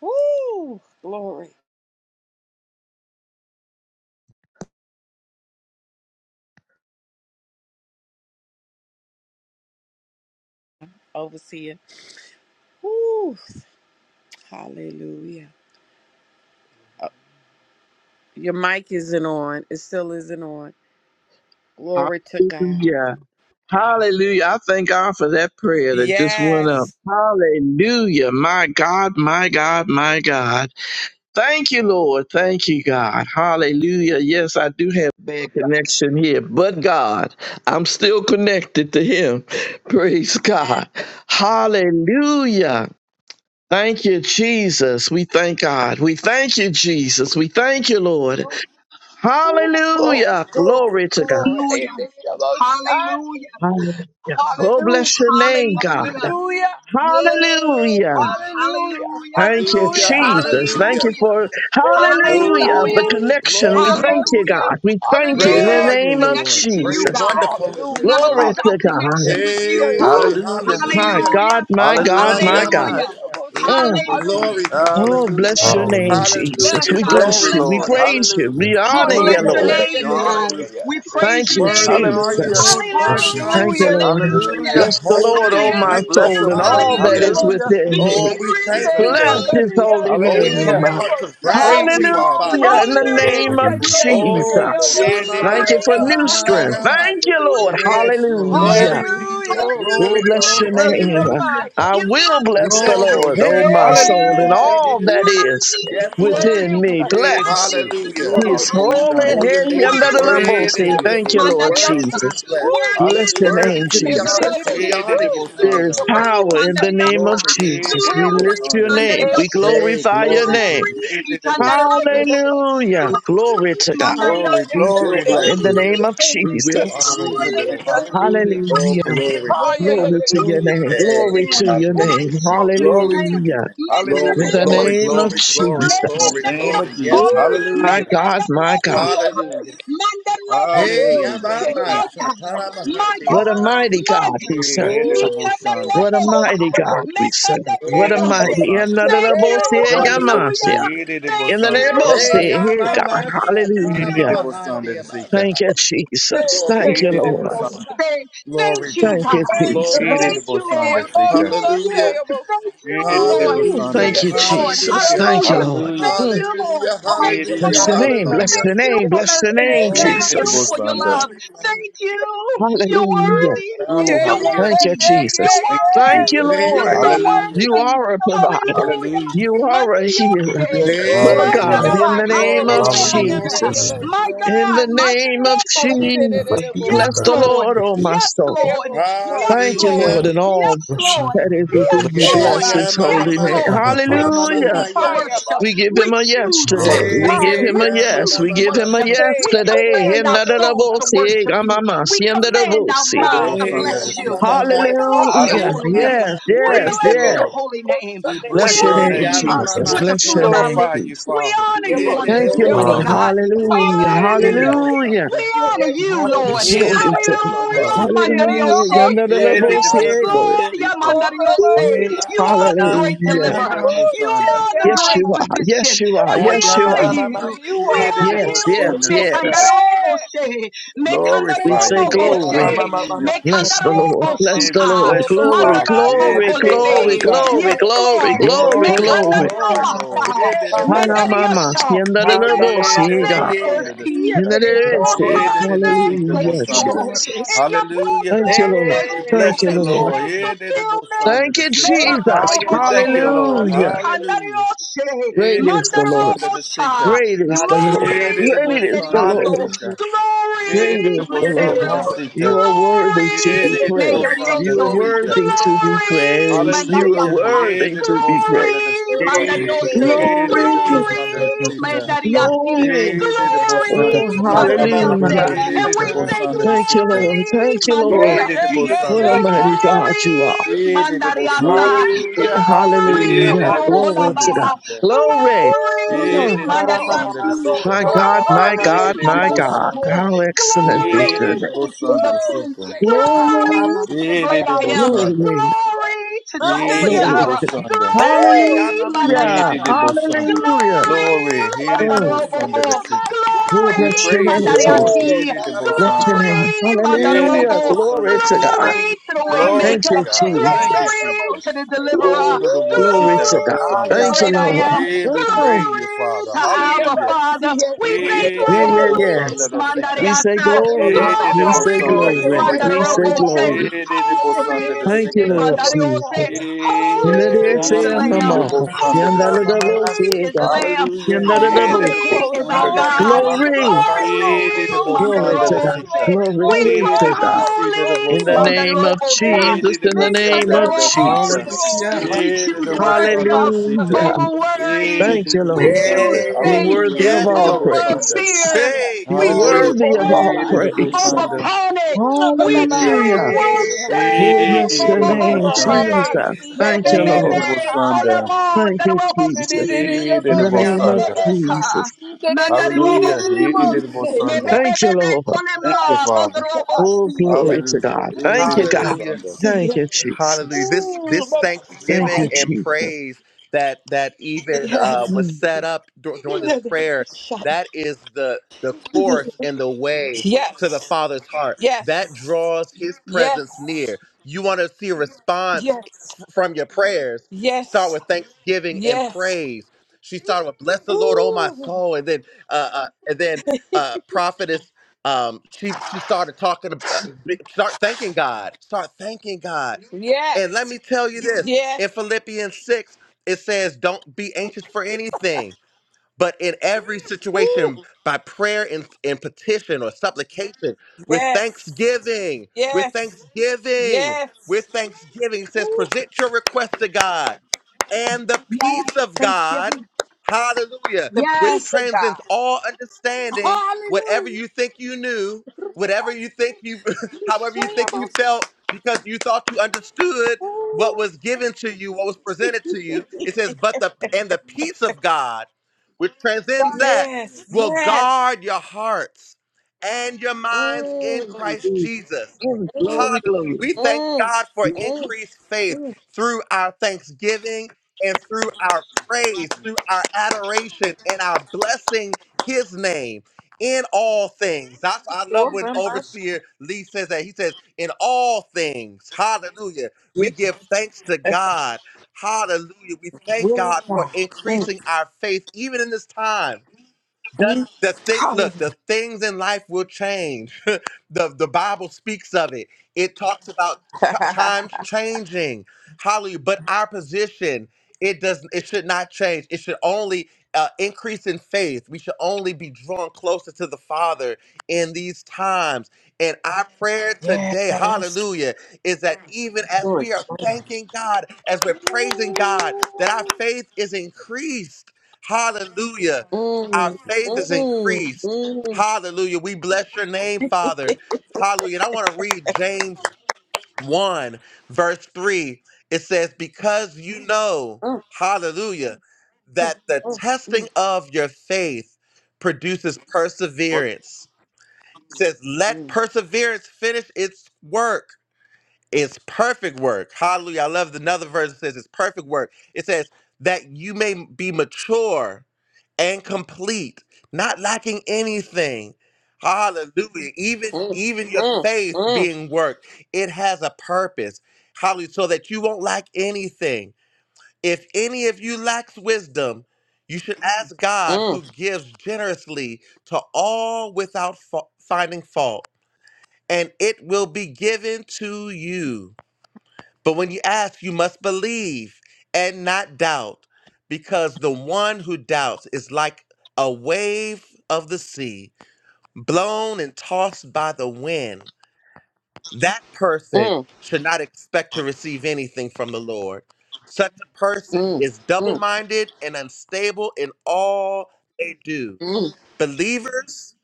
Woo! Glory. Overseer. Woo! Hallelujah. Your mic isn't on. It still isn't on. Glory to God.
Hallelujah. Hallelujah. I thank God for that prayer that just went up.
Yes.
Hallelujah. My God, my God, my God. Thank you, Lord. Thank you, God. Hallelujah. Yes, I do have bad connection here, but God, I'm still connected to Him. *laughs* Praise
Amen.
God. Hallelujah. Thank you, Jesus. We thank God. We thank you, Jesus. We thank you, Lord.
Glory,
Hallelujah.
glory,
Glory to God.
glory.
Hallelujah,
Hey, this is about shine.
hallelujah,
Hallelujah. Oh, bless
Hallelujah,
your name, God.
hallelujah.
hallelujah,
Yes,
Hallelujah.
God,
hallelujah,
hallelujah,
Thank you,
Hallelujah,
Jesus.
hallelujah.
Thank
hallelujah.
you
hallelujah,
for
Hey, about
hallelujah.
shine.
The
hallelujah,
Oh,
connection.
Hey,
We
glory,
about
thank you,
hallelujah.
God.
shine.
We thank you
Great
in
Hallelujah.
the
Yeah,
are you,
name
we're
of
connected
Lord.
to you,
Great,
Jesus.
God.
wonderful is
We
your
Hallelujah.
never
name.
Glory
lose
Hallelujah.
our
to God.
connection with
Yeah,
you, God.
Hey,
Ooh,
boss.
Hallelujah.
my
hallelujah.
Hallelujah,
God, my God,
Hallelujah.
my God.
Hallelujah.
hallelujah,
Yeah,
Ayamasha.
boss.
Yeah, did it,
Mm.
Ocean.
hallelujah.
Glory,
Hallelujah.
Jesus.
Oh,
Hallelujah,
bless
Yeah!
your
Lord.
name,
Jesus.
Yes,
Jesus.
We
Hallelujah.
We
God. We
bless
bless
you,
Glory,
you.
bless
We
your
Lord.
Father.
name.
praise you.
Hallelujah.
We
We
honor
Oh, yeah,
Oh,
you,
bless
we
yeah,
your
yeah,
Lord.
yeah,
bless
We
name,
yeah,
you,
yeah,
honor
God.
yeah,
Lord.
yeah,
you.
yeah.
We
Thank
praise
Thank
your
you,
you.
yeah.
name.
Worthy are you,
Hallelujah.
Jesus.
Yes,
Lord.
bless
Worthy
you,
Hallelujah.
are
Thank
you,
you,
Jesus.
Hallelujah.
Lord.
Lord.
Bless
Bless you,
your
Hallelujah.
You're
Lord.
Hallelujah.
Bless
name.
the
Bless your
Lord,
holy,
oh
We
my
righteous.
name.
bless
Hallelujah.
soul, and
him.
all that
We
Hallelujah.
are
Hallelujah.
is
Hallelujah.
Hallelujah.
both
within
We
me.
Oh,
thank
we
you,
Glory,
thank
Jesus.
you,
today.
Bless
Lord.
his
glory,
holy
Oh, we
name.
come
Hallelujah.
with
glory,
hearts of
We praise you,
glory,
gratitude,
Father.
Father,
Hallelujah. In
this
the
glory,
morning.
Yeah,
name
they
Hallelujah.
did
of
both,
Hallelujah.
Yes,
Shonda.
glory,
Oh,
yeah,
Lord.
Jesus.
Most
Yeah, they
Thank
did
you
Sunday,
both,
for
of
new
our
strength.
glory, glory,
eyes.
Thank you, Lord.
Ramamashatayamado.
glory.
Yes, Lord. Yes.
Hallelujah.
Glory,
Glory!
Jesus.
Hallelujah.
Oh,
Oh,
Glory,
Hallelujah.
bless your
glory
Oh,
to your
name.
name.
Hallelujah.
I
You
Ramaya.
are
will
the
we
bless the
bless
great
Glory.
your
Lord, oh
name.
my
Hey,
soul, and
Hallelujah.
glory,
Hallelujah.
We
Yeah.
did
all
the
Jesus.
that
most-
is
Worthy,
Yes, Lord.
within
You
worthy,
me.
bless the
Yes,
Bless
worthy
yes.
is
Lord.
the
You
Hallelujah.
dear
You're
Lamb.
the
Lord,
his
son,
most
holy
Hallelujah.
Oh,
shanda.
your
name.
name
Under
is
the
Worthy is the
level,
worthy
We did
to
say,
you
the
Lamb.
be
most
thank
dear
in
you,
the
adored,
most
Lord
Lord.
worthy
Mandariosa.
to be
Jesus.
blessed,
Woo!
Worthy
Bless
is the
your
worthy
Hallelujah.
name,
Lamb.
to
You
be
dear,
Jesus.
honored.
dear, dear,
So we
We
Motoroboshe.
woo!
did
honor
the
you,
most
Father.
Thank
There
You
is
shanda.
dear Lord,
Glory,
power in the
son.
name of
Mandariosa.
Glory to you.
I
We
Jesus.
did the
We
will bless
most
Glory,
lift
the
your
Lord. Eh,
name.
sister.
We
you
Mandariosa.
dear
Hey,
glorify your
glory to
name.
you.
Glory,
We did the most shanda.
Mikandaroboshe.
Lord, son.
Hallelujah.
Glory,
Glory to God.
Eh,
Glory,
Mandariosa.
you dear,
We
the
will
glory.
dear,
In
bless
the
you.
Holy,
Hallelujah.
name of
We
holy,
will
holy,
In
Jesus.
woo,
honor
Jesus'
you,
you dear,
holy,
name.
the
Lord.
Lord.
holy,
Hallelujah.
Oh,
Hallelujah.
glory,
Ah, yeah,
holy,
Father.
yeah,
Glory
yeah, yeah,
to
Lord,
your
Hallelujah.
holy
name.
is the
Hey,
Glory to
Lamb.
your
hallelujah,
name.
the
Righteous
Jesus.
Lord.
is the
Glory
Lamb.
to your
Hallelujah.
name.
Ah,
In
Glory,
yeah,
the
Hallelujah.
Lord.
glory,
name
Mandarabosha,
of
glory, glory,
In the
Jesus.
glory,
name
glory.
of
Mekandayoki,
Jesus.
Yes,
Woo.
Lord.
My
Hallelujah!
Hallelujah.
God, my God.
Yeah,
Mekandarabosha,
yes.
Hallelujah. Hey,
Woo!
Hallelujah.
Mandarabosi,
Thank
Yeah,
you,
Abamba,
my
Jesus.
yeah.
God,
Satara
Hallelujah.
my
Mahandi,
What a
God,
Abba.
Hallelujah.
mighty
my
God
God,
we serve.
Oh,
Erereboshanda.
glory.
What a
Oh,
Mekandarabosha,
yeah,
mighty
yeah,
God
Lord.
we serve.
Oh,
Yeah,
What
yeah,
a
Mekandarabosha.
wonderful.
mighty. In
Lord.
Erereboshanda.
the
Yeah,
Thank
name
yeah,
you,
yeah,
Wonderful
Lord.
of Jesus.
hallelujah.
King.
Thank
In the
Erereboshanda
name
Thank
you,
of Jesus,
desita.
Hey,
yeah, God.
Abamba, Satara
Hallelujah.
Erereboshanda
Mahandi, Abba.
desita.
Thank you, Jesus.
Glory,
Thank you, Lord.
Erereboshanda.
thank, thank
glory,
you,
Thank
God.
you,
Jesus. Glory,
you, Lord.
Jesus.
Thank
Jesus.
you, Lord.
Erereboshanda desita.
Thank
Sunday
you.
Hallelujah.
about
Thank you, Lord.
Ooh,
Erereboshanda
Hallelujah.
thank
Thank
yeah,
you,
you,
desita.
Jesus.
Lord.
Hallelujah.
Hallelujah.
Hallelujah.
Thank
Mm,
you, Lord.
Hallelujah.
Thank you for
bless
Hallelujah.
your
grace.
name, bless
Erereboshanda.
Hallelujah.
your
Thank you
name,
for
bless your
mercy.
name,
Thank
Glory,
you
Jesus.
for
Jesus.
your
Erereboshanda.
love.
Glory, Father.
Thank you. You're
Hallelujah.
worthy.
Ooh,
yeah,
You're
Hallelujah.
hallelujah.
Thank you,
yeah,
worthy. You're
Jesus.
yeah,
Thank you,
Thank you,
worthy.
Jesus.
You're
Lord.
so
Hey.
Hallelujah.
You
worthy.
are a provider.
Hallelujah.
Hallelujah.
You are a healer.
Mandarioche.
Yes, Jesus.
Oh
My
Hallelujah.
Hey,
Hallelujah.
God, in
glory,
God.
the
glory,
name of
glory,
Hallelujah.
Hallelujah.
glory,
We
Jesus.
glory,
My
glory.
In
God.
the name of
Mandarioche.
Jesus.
bless
Yes,
Bless the
Lord.
Lord, oh my
Yes,
soul.
Lord. Yes,
Thank you,
Lord.
Lord,
Hallelujah.
and
Yes,
all
you.
Lord.
that is
We
within
Yes,
me.
bless you.
Yeah,
Lord.
Bless
yeah,
his
ma,
yeah,
Yes,
ma,
holy
ma,
name.
yeah.
Lord.
ma,
Every
We
part
ma,
of
ma,
us.
ma,
Hallelujah.
ha,
choose the
yeah.
Hallelujah.
ma.
worship.
We give
We
him a yes
choose
today.
Hallelujah.
We
worship.
give
Hallelujah.
Hey,
We
him a
yeah, ma,
yes.
ma,
choose
We
ma, ma,
give him a
worship.
ma.
yes
We
Hallelujah.
today.
command our souls to
Hinadadabosi,
worship you. We
gamamasi,
command our
andadabosi.
mouths
Hallelujah.
to
Yes.
Hey,
Erereboshanda
yeah,
bless
ma,
Yes.
you.
ma,
desita.
ma,
We
ma, ma,
bless
ma,
your
ma,
Hallelujah.
ma,
holy
Hallelujah.
name.
Yes,
ma.
We
We
yes,
praise you,
bless
yes.
your
Lord.
holy name.
We
We
Bless
bless
your
your
Hey,
honor
name,
yeah,
name.
ma,
you
ma,
Jesus.
Hallelujah.
ma,
with the
We
Bless
fruit
your
ma.
of our
name,
glorify
lips.
you,
We
Jesus.
Father.
honor you
Yeah,
Hey,
on
de de
this
Thank you,
glory,
morning,
Lord.
boshanda.
Jesus.
Hallelujah.
God. We
Hallelujah.
honor
Yeah, de de
Mm.
you.
Hallelujah.
boshanda.
We honor you, Lord.
Yes.
Yeah,
Hallelujah.
Glory
de de
to God.
boshanda
Lord.
Hallelujah,
sita.
Mandariose.
Hallelujah.
Yeah, de
Hallelujah.
de
Yes,
Yandadadabosi, Lord.
boshanda
Lord,
Hallelujah.
yeah,
sita.
Mandariose.
Hey,
Ooh,
yeah,
You
ma,
are
ma,
the
ma,
great
ma,
Hallelujah.
ma,
Yeah,
ma,
deliverer.
de
ma, ma.
You
boshanda.
are the
Yes,
great
you are. Yes,
physician.
you are.
And
Ha,
we
Yes,
yeah,
you
ma,
are.
honor
ma,
Yes,
ma, ma,
for
you.
you
We
are.
Yeah,
ma, ma,
de de
honor
Yes,
you.
yes,
ma,
boshanda
ma.
sita.
yes.
Yes.
Mekandarobose.
We
Glorify you,
say
Glory
Lord.
Jesus,
glory.
Mekandarobose.
Hallelujah.
Bless the Lord, bless
Yeah,
the
we
Mekandaroboshika.
Lord.
Oh,
bless you,
Ramba
Glory,
Father.
Basta.
Yeah,
glory,
de de
glory,
boshanda
Mandarobokolebe.
glory,
Yes,
sita.
glory,
Lord.
glory,
Glory,
glory.
Oya
glory, Lord.
Mekandarobasa.
Yeah, de de
Hi,
bahayere,
boshanda.
Mama.
Medarioso. In your
Yede de
presence,
ora
God.
there's
bosanda de Yedidibusunder de
peace.
seeker.
bahayere,
In your
mosha.
we
presence,
bless
there's
Hallelujah,
you,
joy.
Yedidibusidibusunder.
Lord.
Jesus.
In your
Hallelujah.
Thank you,
presence,
Lord.
there's
We
Thank
Hey,
bless
you,
you,
fulfillment.
Lord.
Lord.
glory
There's
Jesus.
Yede de
fulfillment.
Yedidibusunder
Thank
de
you,
seeker.
Ora
Jesus.
Hallelujah.
We thank you,
Menataroboshe,
Lord.
Hallelujah.
Hallelujah.
bahayere,
Hallelujah.
mikandarioshe,
Great
Yede de
is the Lord.
bosanda de sika.
mandarobosha.
Great is the Lord.
Glory,
Yede de
Great is the
bosanda de the
Lord.
medarioso.
seeker.
Hallelujah.
de the de
Great
Glory,
is the Lord.
Yedidibusunder
medario.
the
Hallelujah.
You are
de
worthy to be
Glory,
praised.
Yedidibusunder
You are
de
medarioso.
Glory
seeker.
worthy
Jesus.
to be
Glory,
praised. You are
Hallelujah. He
mandariata.
worthy
did the
to be
most
praised.
under the
Glory,
sita.
mosha.
Hey.
mandariose.
He did the
Glory,
most under the
Glory,
sita.
medariasi.
glory.
He did the most
Glory,
under
Oh,
the sita.
mandariasi,
hallelujah.
He
And
did the
we
most
say
under the
Thank you,
sita.
Lord.
glory,
Thank you, Lord.
He
Yeah,
Glory
did
yeah,
the
yeah,
Mandariasi.
most
Jesus.
yeah, yeah, yeah,
under
What a
the
yeah,
mighty
sita.
God you are.
yeah,
Glory,
He did the most
yeah,
Mandariasa.
under the sita.
Mm,
Hallelujah,
yeah.
Glory,
He
hallelujah,
Oh,
Hallelujah.
did the most
hallelujah.
yes,
Glory
under the
to
see.
sita.
Mokolabaha.
God. Glory.
Glory,
Ooh,
Oh,
He
Oh,
my
did the
shara
most
God.
mama
under the
Mandariasi.
mando,
Glory,
sita.
my
shara
God,
mama
my
glory,
Glory,
mama,
He
God,
did the
my
most
God.
Mandariaso.
under.
How excellent
Glory
is
He
glory.
your
did the
to
name.
the
most
King
under
of
the
Ooh,
Kings.
sita.
say, yeah,
Glory
shara
Glory,
mama
to the
He
Yeah, yeah,
did
great
the
I
mando.
yeah,
most
am.
under.
glory.
Glory to
yeah.
He
Under
Jehovah
did
your
the
Glory
Jireh.
to
most.
most
God.
under.
Hey, ya
Woo!
Glory,
mama mama,
Here
Hallelujah.
it
shara
is,
Mandariasi.
Oh,
both
yes,
Sunday.
Hallelujah.
hey, your
Glory,
Glory. Here it is,
Mm.
both
fire. Yeah,
Sunday,
Mandarobo.
the
yeah, my
seeker.
master.
Oh,
We
bless
Glory,
your
praise
name,
you, Lord.
Jesus.
Woo!
Here
Mandariati.
Yeah,
it
your
is, both
Bless
mama
your
Sunday.
mama
master.
Glory,
name.
mama.
Yeah, yeah,
Here
your
it is,
Hallelujah.
Mandarobo.
both
Glory
Sunday, the
master.
to God.
seeker.
Glory
Yororo
to the
Ah,
mama
Glory
Thank
to
Waymaker.
you,
mama.
Yeah, yeah,
God.
yeah,
Thank
yeah,
you,
Glory
Jesus.
your
to
Jesus.
the
master.
Deliverer.
Oh,
Ooh,
the the
Woo!
both
Glory
seeker, the
to
both
Glory
God.
Ah,
to
Sunday.
the
ya
Thank you,
Great
mama
I
Yeah, your
mama
Am.
master.
mama.
Lord.
we
Yeah,
Oh,
praise you,
Glory
Father.
to
your
Abba
Hallelujah.
master.
Father.
Yeah, yeah,
We
yeah, yeah,
thank
Here it
yeah,
is,
yeah,
yeah,
glory,
both Sunday,
yes.
the
your master.
We
seeker.
say
Mandariata.
Oh,
glory.
Here
Roma,
Glory,
it is,
We
mama,
glory,
say
both
Glory,
Sunday,
yeah,
glory,
the
glory.
glory,
seeker.
We
yeah,
say
glory,
Mandarobo.
yeah.
Say,
Here
glory.
glory.
it
Glory,
is, both
glory,
Holy,
Sunday, the
Thank you,
seeker.
Lord
Mandario. Say,
Jesus. In
Hey,
the
Holy
dear
is
Shara
the
Sam, the
mama
Lamb.
the
mama
mama.
most
mama,
under
Sam,
the
the
shara mama
seeker.
double,
mama.
Holy
see,
is the Lamb.
Hallelujah. Hey, the
Holy
most
glory,
is
glory,
Ah,
our
under the
ya
glory,
mama
God.
seeker.
mama mama,
Glory.
shara
glory,
mama
Hey, the
Holy
most
glory,
mama.
Glory
under
to
the
glory, glory,
God.
seeker.
Mandarobose.
glory,
We
glory,
Glory
Hey,
cry
the
to
glory,
God.
seed of the
glory,
holy
In
most
the
glory,
under.
name of
Mandarobosa.
glory.
Hey,
Jesus,
the
in the
Make
most
name
under
of
Glory,
the
Mandarobose.
glory,
seeker.
Hallelujah.
Jesus.
glory.
hallelujah.
We
Hey,
choose
the most under the
worship
seeker.
Rebasate
Hallelujah.
over
osi.
Hey,
worry.
Thank you,
the
We
Lord.
most under.
choose
Woo!
You're
Yay.
faith
worthy of
Hallelujah.
Shaya.
Yes,
Hey, the
all
Lord.
most
over
under.
praises.
fear.
Hey,
You're
We
Woo,
glory.
Hallelujah.
choose
worthy of all
Hey,
praise
the most
praise.
Orabasia.
over
under.
panic. We
Hey,
choose
Hallelujah.
Nababasia.
Hey,
Oh,
worship
bless
hey,
your
over
the
Woo,
name,
most
glory,
under.
Moshe.
Jesus.
Jesus.
Me
Oramamasia.
Thank
be
you,
He
be
did
be
Lord.
Nea
it, Sunday.
Maya.
kolemo
Thank you,
Yes, yes, yes, yes, yes,
Jesus.
daroboshi.
He did
In
Me
it
the
be be
name of
be
Sunday.
be
Yabababasha.
ka
Jesus.
Hallelujah. He
mandariboboshi.
Woo-hoo.
did it,
Me
Sunday.
be be
Thank
be
you,
be
Lord.
Thank you,
kolema
Father.
yes, yes,
Oh,
bodaroboshi.
glory to
Hallelujah.
God.
He
Yes,
Thank
did
you,
it,
God.
Hallelujah.
Sunday.
Thank you,
Hallelujah.
Jesus.
This this
Thank
thanksgiving
you,
and
Jesus.
praise that that even uh, was
Mm.
set up dur- during this prayer, that is the the course and the way to the Father's heart. That draws His presence near. You want to see a response f- from your prayers. Start with thanksgiving and praise. She started with "Bless the Lord, oh my soul," and then uh, uh, and then uh, prophetess um she she started talking about start thanking god start thanking god and let me tell you this
yes,
in Philippians 6, it says, Don't be anxious for anything. But in every
Ooh,
situation, by prayer and, and petition or supplication, with
yes,
thanksgiving, with
yes,
thanksgiving,
yes.
with thanksgiving, it says, present your request to God. And the
yes,
peace of God,
Thanksgiving.
hallelujah,
The peace
which
Yes,
of God.
transcends all understanding, whatever
Hallelujah.
you think you knew, whatever you think you, *laughs* however you think you felt, because you thought you understood what was given to you, what was presented to you.
*laughs*
It says, but the, and the peace of God which transcends that,
Yes,
will
yes,
guard your hearts and your minds in
Mm,
Glory,
Christ
glory,
Jesus.
mm,
glory, glory.
Hallelujah. We thank
mm,
God for
glory.
mm.
increased faith through our thanksgiving and through our praise, through our adoration and our blessing his name in all things. That's I love when
Over my
overseer Lee says that. He says, in all things, hallelujah, we give thanks to God Hallelujah. We thank
Will of
God for
God.
increasing our faith even in this time. That the thing
shoulder.
look, the things in life will change. *laughs* the the Bible speaks of it. It talks about t-
*laughs*
times changing. Hallelujah. But our position, it does it should not change. It should only uh, increase in faith. We should only be drawn closer to the Father in these times. And our prayer
Yes,
today, hallelujah, is that even as
Lord.
we are thanking God, as we're praising God, that our faith is increased. Hallelujah.
Mm,
Our
mm,
faith is
mm,
increased.
mm,
Hallelujah. We bless your name, Father. Hallelujah. And I want to read James 1, verse 3. It says, Because you know,
mm,
hallelujah, that the testing of your faith produces perseverance. It says, Let
mm,
perseverance finish its work. It's perfect work. Hallelujah. I love the another verse that says it's perfect work. It says that you may be mature and complete, not lacking anything. Hallelujah. Even
mm, mm, mm, mm, mm,
even your faith being worked, it has a purpose. Hallelujah. So that you won't lack anything. If any of you lacks wisdom, you should ask
mm, mm, mm, mm, mm,
God
mm,
who gives generously to all without fa- finding fault, and it will be given to you. But when you ask, you must believe and not doubt, because the one who doubts is like a wave of the sea, blown and tossed by the wind. That person
mm,
should not expect to receive anything from the Lord. Such a person is double minded and unstable in all they do. Believers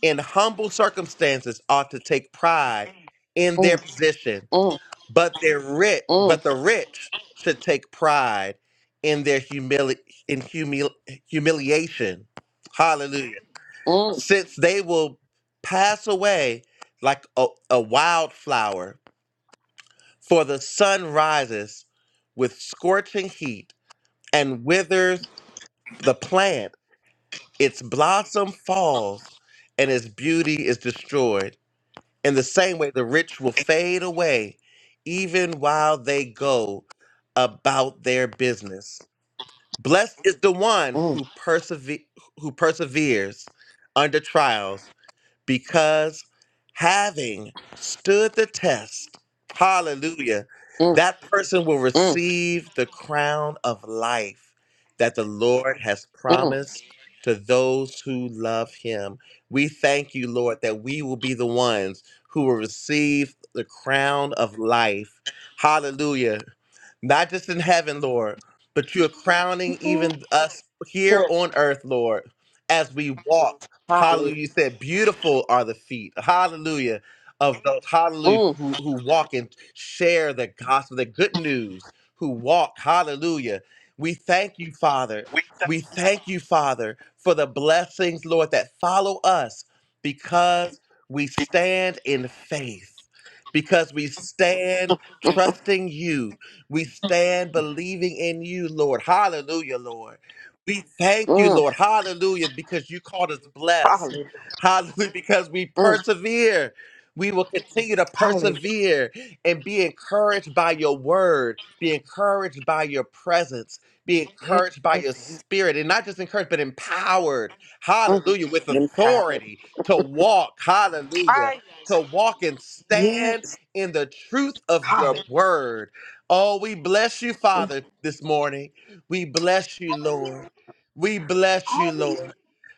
in humble circumstances ought to take pride in their position but they're rich but the rich should take pride in their humili- in humil- humiliation hallelujah since they will pass away like a, a wildflower for the sun rises with scorching heat and withers the plant its blossom falls and its beauty is destroyed In the same way, the rich will fade away even while they go about their business. Blessed is the one who, persever- who perseveres under trials because having stood the test, hallelujah,
mm, mm,
that person will
mm,
receive the crown of life that the Lord has
mm.
promised to those who love him. We thank you, Lord, that we will be the ones who will receive the crown of life. Hallelujah. Not just in heaven, Lord, but you're crowning even us here
Sir.
on earth, Lord, as we walk.
Hallelujah.
Hallelujah. You said, Beautiful are the feet. Hallelujah. Of those, hallelujah,
Mm,
who, who walk and share the gospel, the good news, who walk. Hallelujah. We thank you, Father. We thank you, Father, for the blessings, Lord, that follow us because we stand in faith, because we stand trusting you. We stand believing in you, Lord. Hallelujah, Lord. We thank you,
mm,
Lord. Hallelujah, because you called us blessed.
Hallelujah.
Hallelujah, because we
mm,
persevere. We will continue to
Hallelujah.
persevere and be encouraged by your word, be encouraged by your presence, be
Yes,
encouraged by
yes,
your
yes.
spirit, and not just encouraged, but empowered.
mm.
Hallelujah, with
Empowered.
authority to walk. Hallelujah,
Fire.
to walk and stand
Yes.
in the truth of your word. Oh, we bless you, Father, this morning. We bless you, Lord. We bless you,
Hallelujah.
Lord.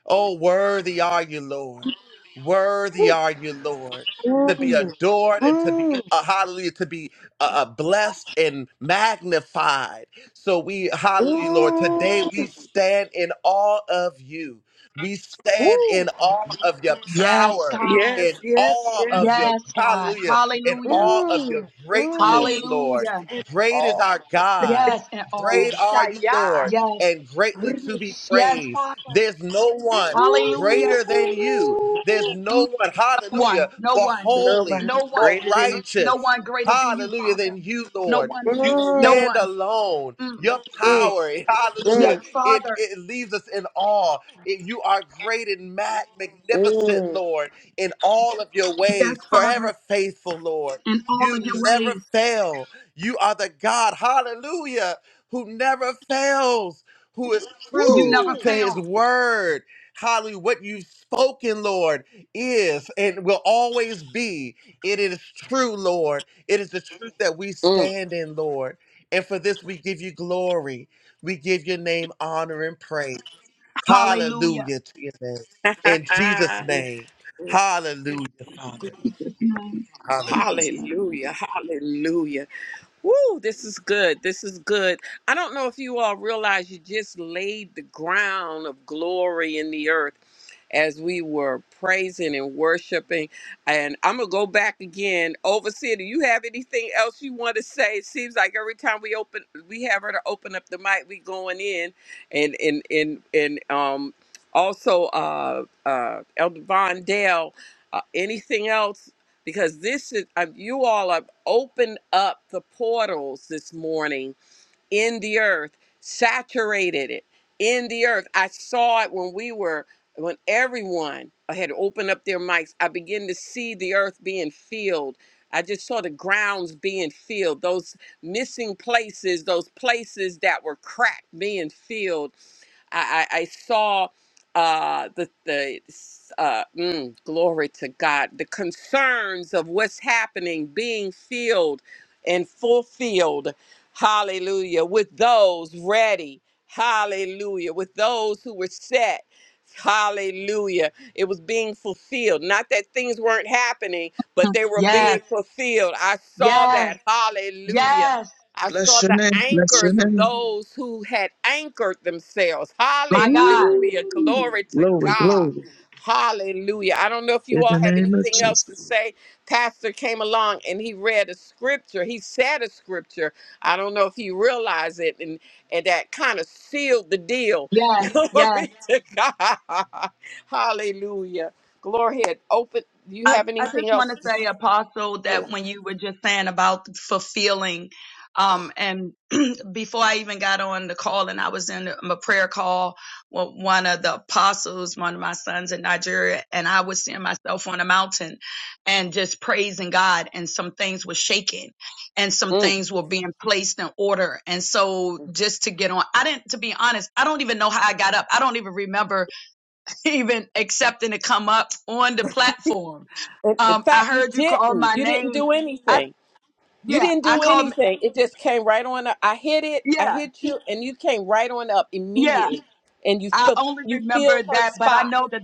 Oh, worthy are you, Lord. Worthy are you, Lord, to be adored and to be,
Mm,
uh, hallelujah, to be uh, uh, blessed and magnified. So we, hallelujah, Lord, today we
mm,
stand in awe of you. We stand
woo.
in awe of your
yes,
power,
God.
Yes,
in
yes,
awe of
yes.
your,
Yes, God.
hallelujah, in
Hallelujah.
awe of your
Mm, mm.
greatness, Lord.
Hallelujah.
Great is
Oh.
our God.
Yes, and
Great
all.
are you, Lord
Ishaya.
Yes.
and greatly to be
Risha-
Yes,
praised.
Father.
There's no one
Hallelujah.
greater
Ooh.
than you. There's no
No
one,
one,
hallelujah,
no
more
one,
holy,
Nobody
no
more
one,
greater than you.
righteous,
no one greater than you,
hallelujah,
Father.
than you,
No
Lord.
one,
You
no one.
Mm,
stand alone.
Mm.
Your
mm,
power,
Yes,
hallelujah,
mm,
it,
Father.
it leaves us in awe. It- you are great and mag- magnificent,
mm,
Lord, in all of your
Yes,
ways,
Father.
forever faithful, Lord.
In all
You
of your
never
ways,
fail. You are the God, hallelujah, who never fails who is
you
true
never
Woo.
to his
fail.
word. Hallelujah. What you've spoken, Lord, is and will always be. It is true, Lord. It is the truth that we
mm.
stand in, Lord. And for this, we give you glory. We give your name honor and praise.
Hallelujah.
Hallelujah to your name. In
*laughs*
Jesus' name. Hallelujah, Father.
His name,
Hallelujah.
Jesus' name.
hallelujah. Hallelujah. Woo, this is good. This is good. I don't know if you all realize you just laid the ground of glory in the earth as we were praising and worshiping. And I'm going to go back again. Overseer, do you have anything else you want to say? It seems like every time we open, we have her to open up the mic, we going in and, and, and, and, um, also, uh, uh, Elder Von Dale, uh, anything else? Because this is, uh, you all have opened up the portals this morning in the earth, saturated it in the earth. I saw it when we were, when everyone had opened up their mics. I began to see the earth being filled. I just saw the grounds being filled, those missing places, those places that were cracked being filled. I, I, I saw uh, the the uh, mm, glory to God, the concerns of what's happening being filled and fulfilled. Hallelujah. With those ready. Hallelujah. With those who were set. Hallelujah. It was being fulfilled. Not that things weren't happening, but they were
Yes,
being fulfilled. I saw
yes,
that. Hallelujah.
yes.
I
Bless
saw
your
the
name. Bless your
anchors of
name.
those who had anchored themselves.
My God.
Hallelujah.
Woo.
Glory to
Glory,
God.
glory.
Hallelujah. I don't know if
In
you all
the
have
name of
anything
Jesus.
else to say. Pastor came along and he read a scripture. He said a scripture. I don't know if he realized it and, and that kind of sealed the deal.
Yes,
*laughs*
yes.
Glory to God. Hallelujah. Glory ahead. Open. Do you
I,
have
I
anything
just want
else
to
to
say, Apostle,
say?
that when you were just saying about fulfilling um, and. before I even got on the call and I was in a prayer call with one of the apostles, one of my sons in Nigeria, and I was seeing myself on a mountain and just praising God and some things were shaking and some
Mm.
things were being placed in order. And so just to get on, I didn't, to be honest, I don't even know how I got up. I don't even remember *laughs* even accepting to come up on the platform.
In in
Um, I
fact, you
heard you call
didn't.
my
You didn't
name.
do
I,
anything. You
yeah,
didn't
I
do
called,
anything. It just came right on up. I hit it. I
yeah,
hit you, and you came right on up
yeah.
immediately. And you
I
fi-
only
you
remember
filled her
that, but I
spot.
know that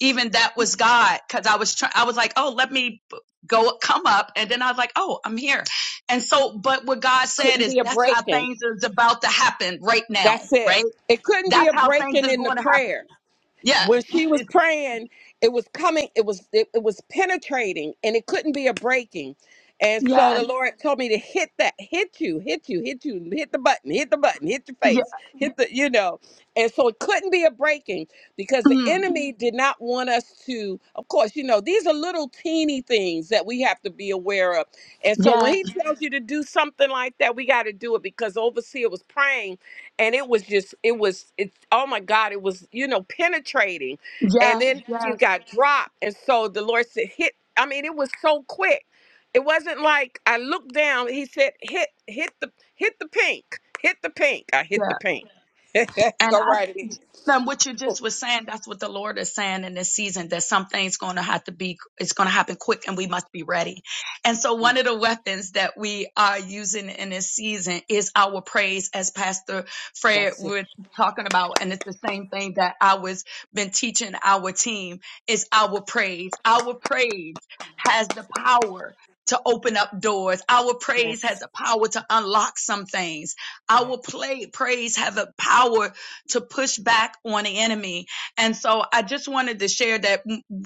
even that was God because I was trying. I was like, oh, let me p- go come up, and then I was like, oh, I'm here. And so, but what God said
Couldn't
is
be a
that's how
breaking.
things is about to happen right now,
That's it.
right?
It couldn't be
That's
a
how things
breaking
is
in the
going to happen.
prayer.
Yeah.
when she was
It,
praying, it was coming, it was it, it was penetrating and it couldn't be a breaking. And so the
yes.
Lord told me to hit that, hit you, hit you, hit you, hit the button, hit the button, hit your
Yeah.
face, hit the, you know. And so it couldn't be a breaking because the
Mm,
enemy did not want us to, of course, you know, these are little teeny things that we have to be aware of. And so when
yeah.
he tells you to do something like that, we got to do it because the overseer was praying and it was just it was it's oh my god it was you know penetrating and
Yeah.
then she
Yes.
got dropped and so the lord said hit i mean it was so quick it wasn't like i looked down he said hit hit the hit the pink hit the pink i hit
Yeah.
the pink *laughs*
And
go right in
And what you
oh,
just was saying, that's what the Lord is saying in this season, that something's going to have to be, it's going to happen quick and we must be ready. And so one of the weapons that we are using in this season is our praise as Pastor Fred
that's it
was talking about. And it's the same thing that I was been teaching our team is our praise. Our praise has the power to open up doors. Our
yes
praise has the power to unlock some things.
yes
Our play, praise have a power to push back on the enemy. And so I just wanted to share that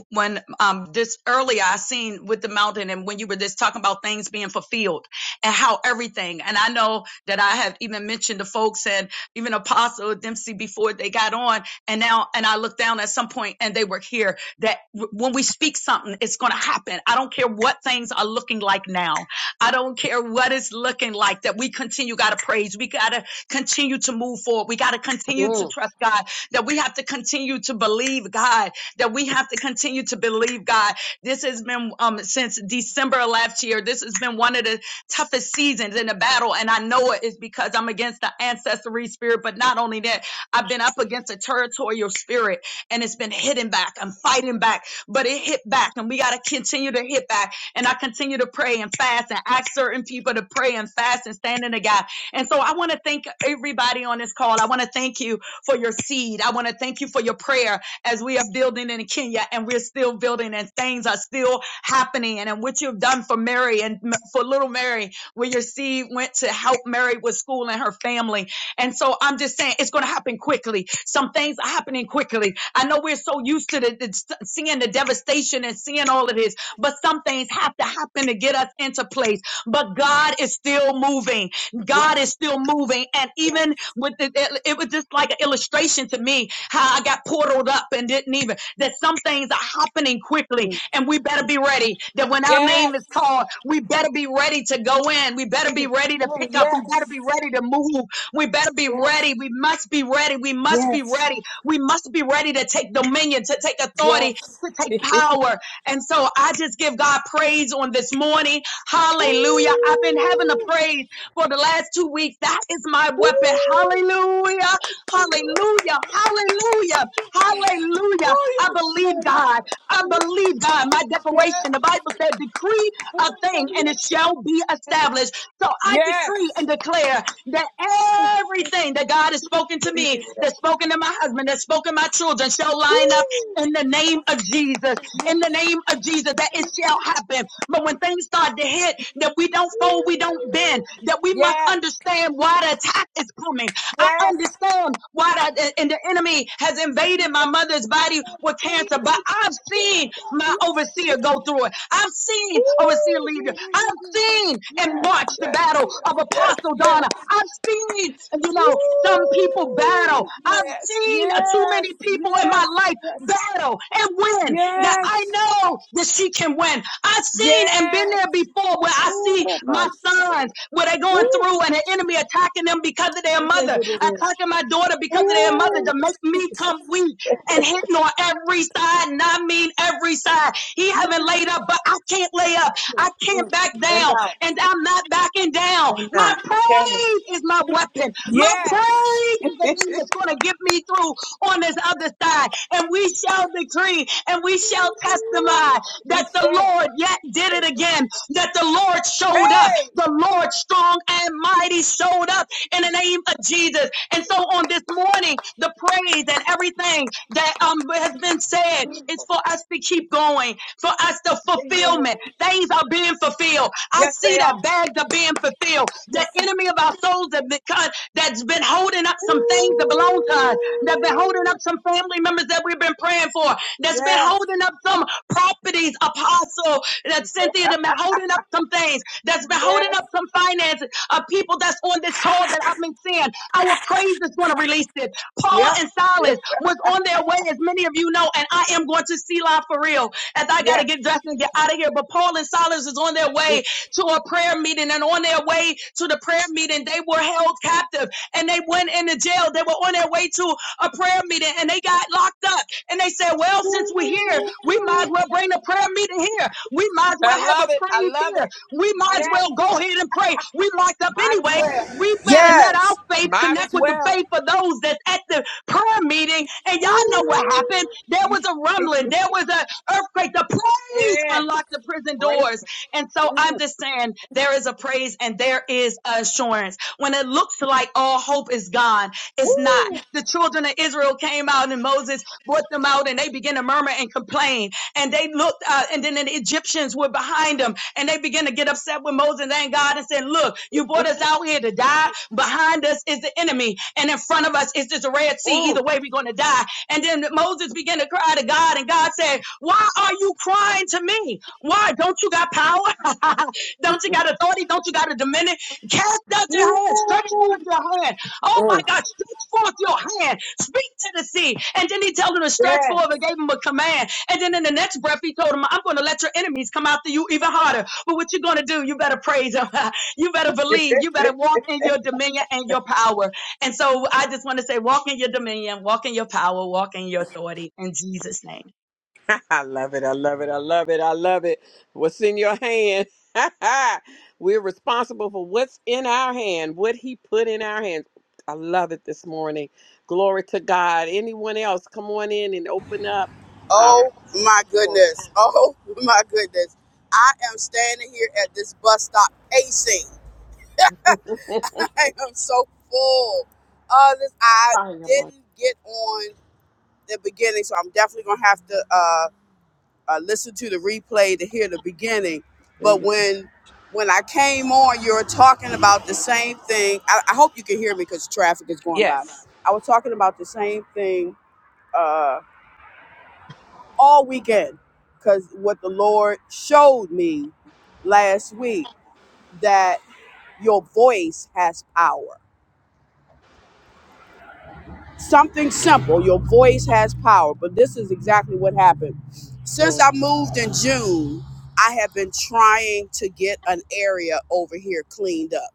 when um, this earlier I seen with the mountain and when you were just talking about things being fulfilled and how everything, and I know that I have even mentioned the folks and even Apostle Dempsey before they got on and now, and I looked down at some point and they were here that when we speak something, it's going to happen. I don't care what things are looking like now. I don't care what it's looking like that we continue got to praise. We got to continue to move forward. We got to continue to
Mm.
trust God, that we have to continue to believe God, that we have to continue to believe God. This has been um, since December of last year. This has been one of the toughest seasons in the battle. And I know it is because I'm against the ancestry spirit, but not only that, I've been up against a territorial spirit and it's been hitting back. I'm fighting back, but it hit back and we got to continue to hit back. And I continue to pray and fast and ask certain people to pray and fast and stand in the gap and so I want to thank everybody on this call. I want to thank you for your seed. I want to thank you for your prayer as we are building in Kenya and we're still building and things are still happening. And and what you've done for Mary and m- for little Mary, where your seed went to help Mary with school and her family. And so I'm just saying it's going to happen quickly. Some things are happening quickly. I know we're so used to the, the, seeing the devastation and seeing all of this, but some things have to happen to get us into place. But God is still moving. God is still moving. And even with the, it, it was just like an illustration to me how I got portaled up and didn't even, that some things are happening quickly and we better be ready that when our
yes
name is called, we better be ready to go in. We better be ready to
Mm,
pick up. We better
yes
be ready to move. We better be
yes
ready. We must be ready. We must be
yes
ready. We must be ready to take dominion, to take authority,
yes
to take
*laughs*
power. And so I just give God praise on this morning. Hallelujah. I've been having a
Ooh,
praise for the last two weeks. That is my
ooh.
weapon. Hallelujah. Hallelujah. Hallelujah. Hallelujah. I
Oh,
believe
yes.
God. I believe God. My
Yes.
declaration, the Bible said, decree a thing and it shall be established. So I
Yes.
decree and declare that everything that God has spoken to me, that's spoken to my husband, that's spoken to my children, shall line up
Woo.
in the name of Jesus. In the name of Jesus, that it shall happen but when things start to hit, that we don't fold, we don't bend, that we
Yeah.
must
Yes.
understand why the attack is coming. I
Yes.
understand why the, and the enemy has invaded my mother's body with cancer, but I've
Yes.
seen my
Yes. Yes.
overseer go through it. I've seen
Woo.
overseer leader. I've seen and
Yes.
watched the
Yes.
battle of Apostle Donna. I've I've seen, you know, some people battle. I've seen too
Yes.
many people in my life
Yes.
battle and win that
Yes.
I know that she can win. I've seen and been
Yes.
there before where I see
Oh,
my sons where they're going through and the enemy attacking them because of their
my
mother,
goodness.
attacking my daughter because of their mother
Oh,
to make me come weak and hitting on every side, and I mean every side. He haven't laid up, but I can't lay up. I can't
mm.
back
And
down
now,
and I'm not backing down. My
Kenneth.
praise is my weapon. My
Yes.
praise is the thing that's going to get me through on this other side. And we shall decree and we shall testify
*laughs* we
that the
share.
Lord yet did it again, that the Lord showed up,
Hey!
the Lord strong and mighty showed up in the name of Jesus. And so on this morning, the praise and everything that um has been said is for us to keep going, for us to
Yeah, yeah, yeah.
fulfillment. Things are being fulfilled. I
Yes,
see
they
that
are.
bags are being fulfilled. The
Yes.
enemy of our souls have been cut, that's been holding up some things that belong to us, that's been holding up
Ooh.
some family members that we've been praying for, that's been
Yes.
holding up some properties, apostle, that Cynthia that been holding up some things, that's been holding
Yes.
up some finances of people that's on this call that I've been seeing. Our praise is going to release this. Paul
Yep.
and Silas was on their way, as many of you know, and I am going to see live for real as I got to
Yes.
get dressed and get out of here. But Paul and Silas is on their way to a prayer meeting, and on their way to the prayer meeting, they were held captive and they went into jail. They were on their way to a prayer meeting and they got locked up. And they said, well, since we're here, we might as well bring the prayer meeting here. We might as well
I
have a
love it. I
praise
love
here.
it.
We might as
Yes.
well go ahead and pray. We locked up
Might as
anyway.
well.
We better let our
Yes.
faith
Might
connect
as
with the
well.
faith of those that's at the prayer meeting. And y'all know what happened.
Ooh.
There was
*laughs*
a rumbling. There was an earthquake. The praise
Yeah.
unlocked the prison
Great.
doors. And so I'm just saying there is a praise and there is assurance. When it looks like all hope is gone, it's not.
Ooh.
The children of Israel came out and Moses brought them out and they began to murmur and complain. And they looked, uh, and then the Egyptians were behind them and they began to get upset with Moses and God and said, Look, you brought us out here to die. Behind us is the enemy, and in front of us is this Red Sea.
Mm.
Either way, we're going to die. And then Moses began to cry to God, and God said, Why are you crying to me? Why? Don't you got power? *laughs* Don't you got authority? Don't you got a dominion? Cast out
Ooh.
your hand. Stretch forth your hand. Oh my
Mm.
God forth your hand, speak to the sea. And then he told him to stretch
Yeah.
forth and gave him a command. And then in the next breath, he told him, I'm going to let your enemies come after you even harder. But what you're going to do, you better praise him. *laughs* you better believe. You better walk in your dominion and your power. And so I just want to say, walk in your dominion, walk in your power, walk in your authority in Jesus' name.
*laughs* I love it. I love it. I love it. I love it. What's in your hand? *laughs* We're responsible for what's in our hand, what He put in our hands. I love it this morning. Glory to God. Anyone else, come on in and open up our.
Oh my goodness. Oh *laughs* my goodness. I am standing here at this bus stop pacing. *laughs* I am so full. Uh, this I didn't get on the beginning, so I'm definitely gonna have to uh, uh listen to the replay to hear the beginning. But when when I came on, you were talking about the same thing. I, I hope you can hear me because traffic is going by.
Yes.
I was talking about the same thing Uh, all weekend because what the Lord showed me last week that your voice has power. Something simple, your voice has power, but this is exactly what happened. Since
Glory.
I moved in June, I have been trying to get an area over here cleaned up.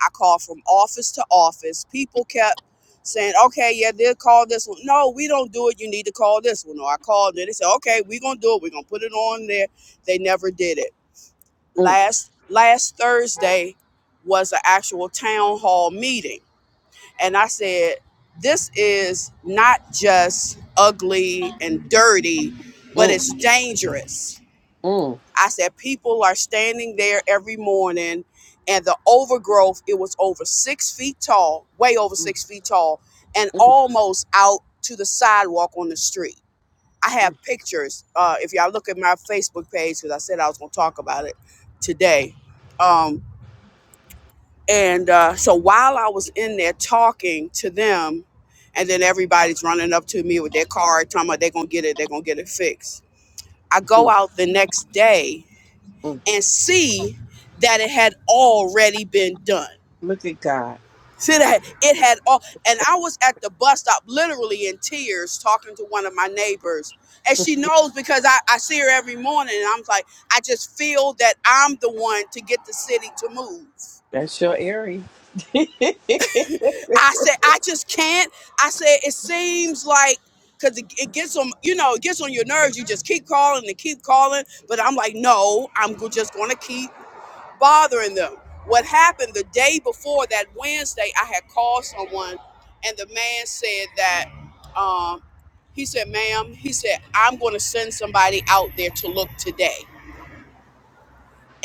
I called from office to office. People kept saying, okay, yeah, they'll call this one. No, we don't do it. You need to call this one. Or I called it. They said, okay, we're going to do it. We're going to put it on there. They never did it.
Mm,
last last Thursday was an actual town hall meeting. And I said, this is not just ugly and dirty, but
mm,
it's dangerous.
mm,
I said, people are standing there every morning and the overgrowth, it was over six feet tall, way over six feet tall, and
mm,
almost out to the sidewalk on the street I have pictures. Uh, if y'all look at my Facebook page, because I said I was going to talk about it today. Um, and uh, so while I was in there talking to them, and then everybody's running up to me with their card, talking about they're going to get it, they're going to get it fixed. I go
mm,
out the next day
mm.
and see that it had already been done.
Look at God.
See
That's,
that it had all, and I was at the bus stop, literally in tears, talking to one of my neighbors, and she knows because I, I see her every morning, and I'm like, I just feel that I'm the one to get the city to move.
that's your area. *laughs*
I said, I just can't. I said, it seems like because it, it gets on, you know, it gets on your nerves. You just keep calling and keep calling, but I'm like, no, I'm go- just gonna keep. bothering them. What happened the day before that Wednesday, I had called someone, and the man said that, um, he said, ma'am, he said, I'm going to send somebody out there to look today.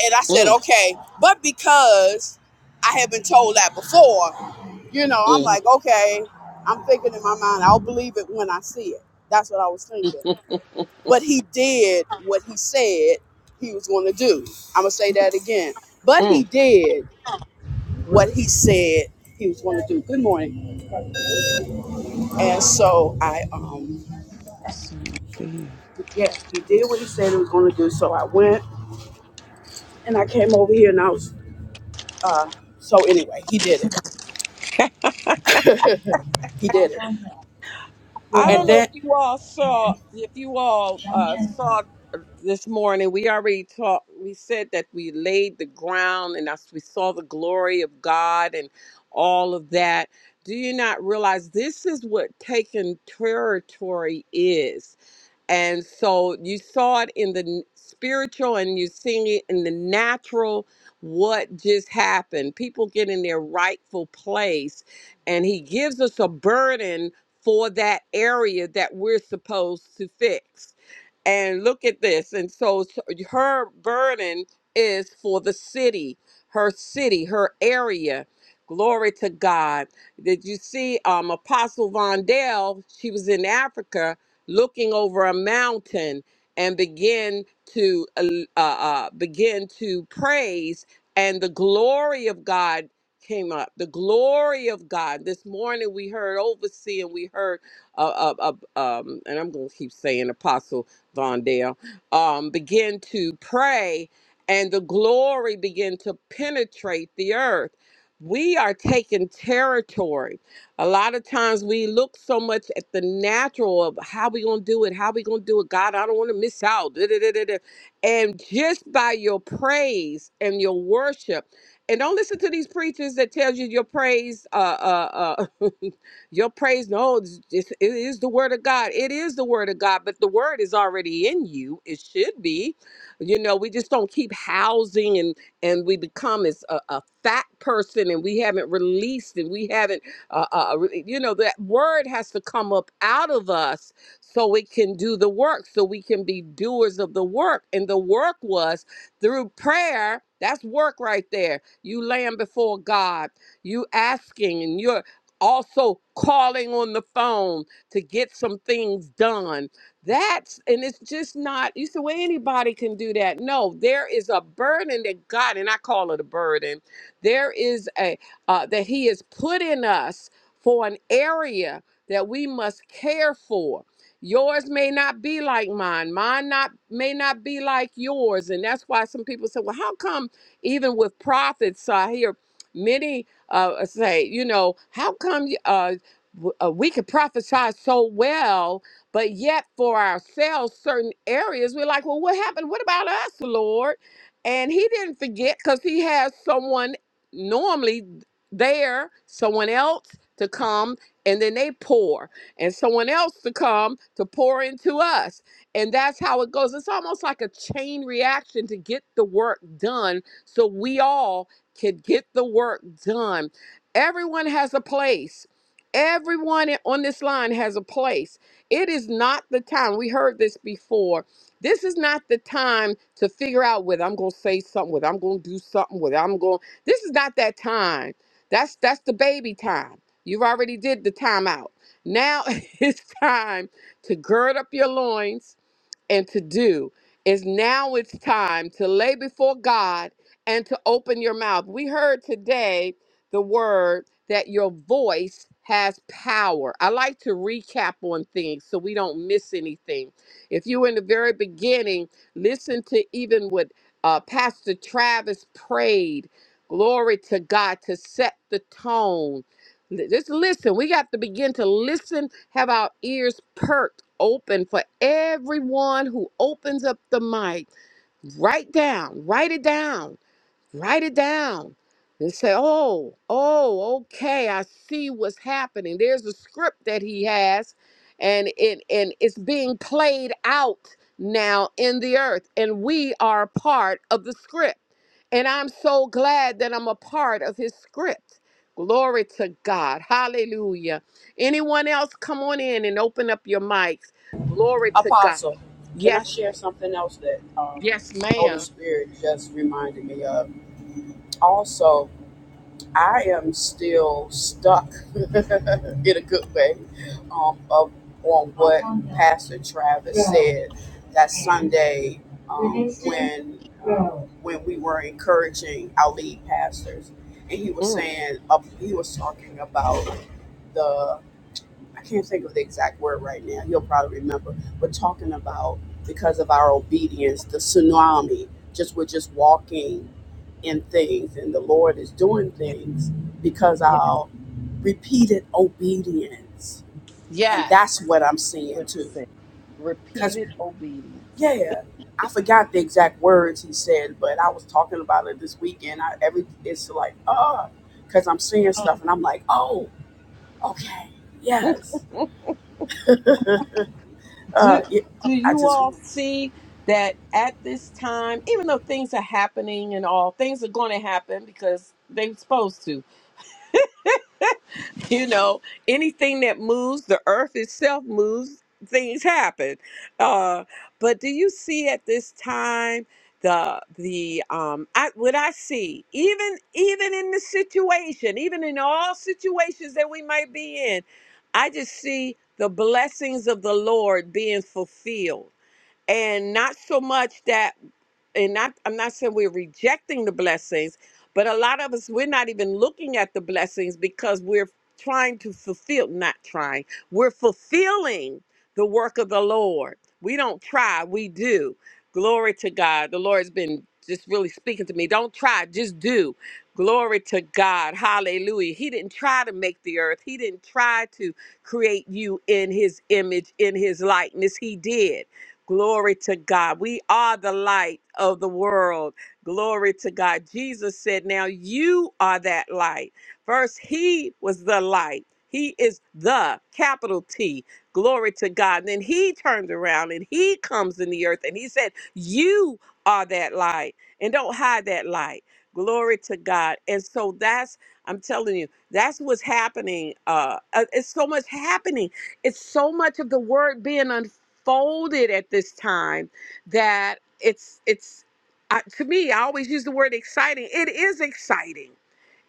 And I said,
Mm,
okay. But because I had been told that before, you know, I'm like, okay, I'm thinking in my mind, I'll believe it when I see it. That's what I was thinking. But he did what he said he was going to do. I'm going to say that again. But
mm,
he did what he said he was going to do. Good morning. And so I, um,
mm.
yeah, he did what he said he was going to do. So I went and I came over here and I was, uh, so anyway, he did it. He did it.
I don't
And
know
then,
if you all saw if you all uh, saw this morning. We already talked. We said that we laid the ground, and that's, we saw the glory of God and all of that. Do you not realize this is what taking territory is? And so you saw it in the n- spiritual and you seeing it in the natural what just happened. People get in their rightful place and he gives us a burden for that area that we're supposed to fix and look at this and so s- her burden is for the city her city her area glory to god did you see um apostle Vondell. she was in africa looking over a mountain and begin to uh, uh, uh, begin to praise and the glory of god came up the glory of god this morning we heard overseer and we heard uh, uh, uh, um, and i'm going to keep saying apostle Vondale, um, begin to pray and the glory begin to penetrate the earth. We are taking territory. A lot of times we look so much at the natural of how we gonna do it, how we gonna do it. God, I don't want to miss out. da, da, da, da, da. And just by your praise and your worship, and don't listen to these preachers that tells you your praise. Uh, uh, uh, *laughs* Your praise, no, it's, it's, it is the word of God. It is the word of God, but the word is already in you. It should be. You know, we just don't keep housing and and we become as a, a fat person and we haven't released and we haven't, uh, uh, uh, re- you know, that word has to come up out of us so it can do the work, so we can be doers of the work. And the work was through prayer. That's work right there. You laying before God, you asking, and you're also calling on the phone to get some things done. That's, and it's just not, you say, well, anybody can do that. No, there is a burden that God, and I call it a burden, there is a, uh, that He has put in us for an area that we must care for. Yours may not be like mine. Mine not may not be like yours, and that's why some people say, "Well, how come even with prophets I hear many uh, say, you know, how come you- uh, w- uh, we could prophesy so well, but yet for ourselves, certain areas, we're like, well, what happened? What about us, Lord? And he didn't forget because he has someone normally there, someone else to come, and then they pour, and someone else to come to pour into us. And that's how it goes. It's almost like a chain reaction to get the work done so we all could get the work done. Everyone has a place. Everyone on this line has a place. It is not the time. We heard this before. This is not the time to figure out whether I'm going to say something, whether I'm going to do something, whether I'm going. This is not that time. That's that's the baby time. You've already did the time out. Now *laughs* it's time to gird up your loins and to do is now it's time to lay before God and to open your mouth. We heard today the word that your voice has power. I like to recap on things so we don't miss anything. If you were in the very beginning, listen to even what uh, Pastor Travis prayed. Glory to God to set the tone. Th- Just listen. We got to begin to listen, have our ears perked open for everyone who opens up the mic. Write down, write it down write it down and say, oh, oh, okay, I see what's happening. There's a script that he has, and it and it's being played out now in the earth, and we are part of the script. And I'm so glad that I'm a part of his script. Glory to God. Hallelujah. Anyone else come on in and open up your mics. Glory to God.
Apostle, can I
Yes,
share
ma'am.
something else that um,
Yes,
Holy
ma'am.
Spirit just reminded me of? Also, I am still stuck *laughs* in a good way um, of, on what Pastor Travis said that Sunday um, when um, when we were encouraging our lead pastors, and he he was was
Mm.
saying uh, he was talking about the. I can't think of the exact word right now. You'll probably remember. We're talking about because of our obedience, the tsunami. Just we're just walking in things, and the Lord is doing things because our repeated obedience, and
Yes.
that's what I'm seeing too. Cause
repeated obedience.
yeah, I forgot the exact words he said, but I was talking about it this weekend. I every it's like oh, cause I'm seeing stuff, and I'm like oh, okay, yes, uh,
Do
yeah,
do
I
you
just
all see that at this time, even though things are happening and all, things are going to happen because they're supposed to. you know anything that moves the earth itself moves things happen uh but do you see at this time the the um i what i see even even in the situation even in all situations that we might be in i just see the blessings of the lord being fulfilled and not so much that and not I'm not saying we're rejecting the blessings, but a lot of us we're not even looking at the blessings because we're trying to fulfill not trying. We're fulfilling the work of the Lord. We don't try, we do. Glory to God. The Lord's been just really speaking to me. Don't try, just do. Glory to God. Hallelujah. He didn't try to make the earth. He didn't try to create you in his image, in his likeness. He did. Glory to God. We are the light of the world. Glory to God. Jesus said, Now you are that light. First, He was the light. He is the capital T. Glory to God. And then He turned around and He comes in the earth and He said, You are that light. And don't hide that light. Glory to God. And so that's, I'm telling you, that's what's happening. Uh, uh, it's so much happening. It's so much of the word being unfolded folded at this time that it's it's I, to me i always use the word exciting it is exciting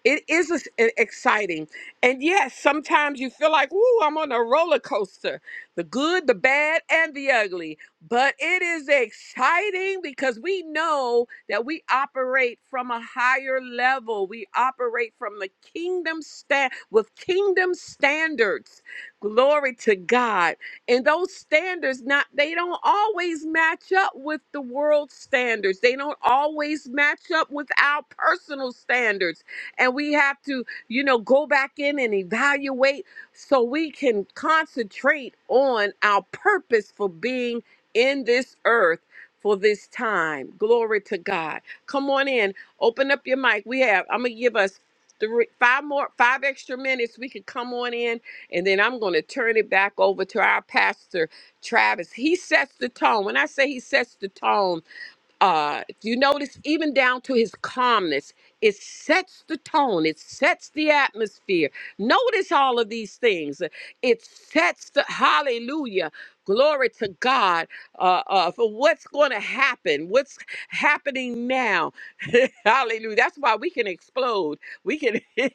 it is ex- e- exciting. And yes, sometimes you feel like, ooh, I'm on a roller coaster the good, the bad, and the ugly. But it is exciting because we know that we operate from a higher level. We operate from the kingdom stand with kingdom standards. Glory to God. And those standards not they don't always match up with the world standards. They don't always match up with our personal standards and we have to, you know, go back in and evaluate so we can concentrate on our purpose for being in this earth for this time. Glory to God. Come on in. Open up your mic. We have, I'm going to give us three, five more, five extra minutes. We can come on in, and then I'm going to turn it back over to our pastor, Travis. He sets the tone. When I say he sets the tone, uh, if you notice, even down to his calmness, it sets the tone, it sets the atmosphere. Notice all of these things. It sets the hallelujah, glory to God uh, uh, for what's going to happen, what's happening now. *laughs* hallelujah. That's why we can explode. We can. *laughs*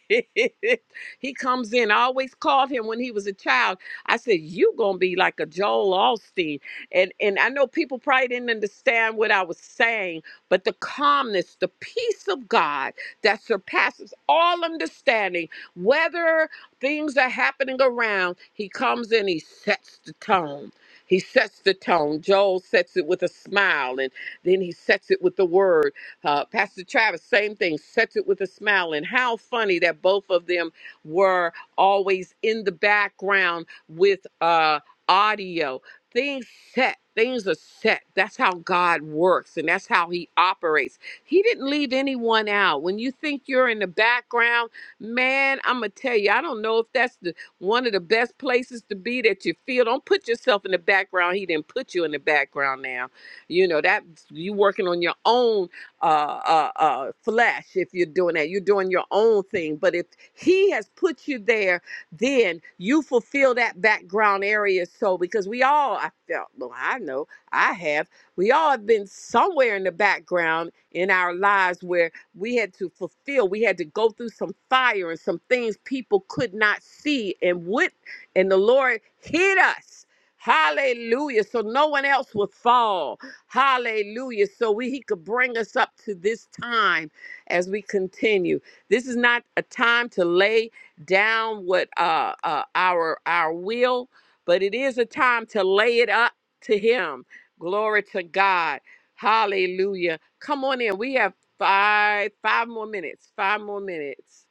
he comes in. I always called him when he was a child. I said, you going to be like a Joel Osteen and and I know people probably didn't understand what I was saying, but the calmness, the peace of God that surpasses all understanding, whether things are happening around, he comes in, he sets the tone. He sets the tone. Joel sets it with a smile, and then he sets it with the word. Uh, Pastor Travis, same thing, sets it with a smile. And how funny that both of them were always in the background with uh, audio things set things are set that's how god works and that's how he operates he didn't leave anyone out when you think you're in the background man i'm gonna tell you i don't know if that's the one of the best places to be that you feel don't put yourself in the background he didn't put you in the background now you know that you working on your own uh, uh uh flesh if you're doing that you're doing your own thing but if he has put you there then you fulfill that background area. So, because we all, I felt, well, I know I have, we all have been somewhere in the background in our lives where we had to fulfill, we had to go through some fire and some things people could not see and would, and the Lord hid us. Hallelujah. So no one else would fall. Hallelujah. So we, he could bring us up to this time as we continue. This is not a time to lay down with uh, uh, our our will, but it is a time to lay it up to Him. Glory to God. Hallelujah. Come on in. We have five five more minutes. Five more minutes.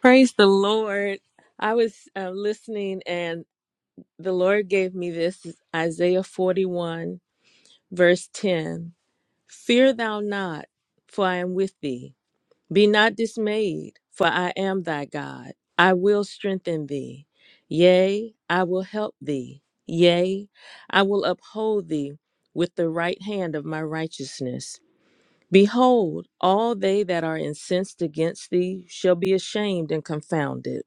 Praise the Lord. I was uh, listening, and the Lord gave me this Isaiah 41, verse 10. Fear thou not, for I am with thee. Be not dismayed, for I am thy God. I will strengthen thee. Yea, I will help thee. Yea, I will uphold thee with the right hand of my righteousness. Behold, all they that are incensed against thee shall be ashamed and confounded.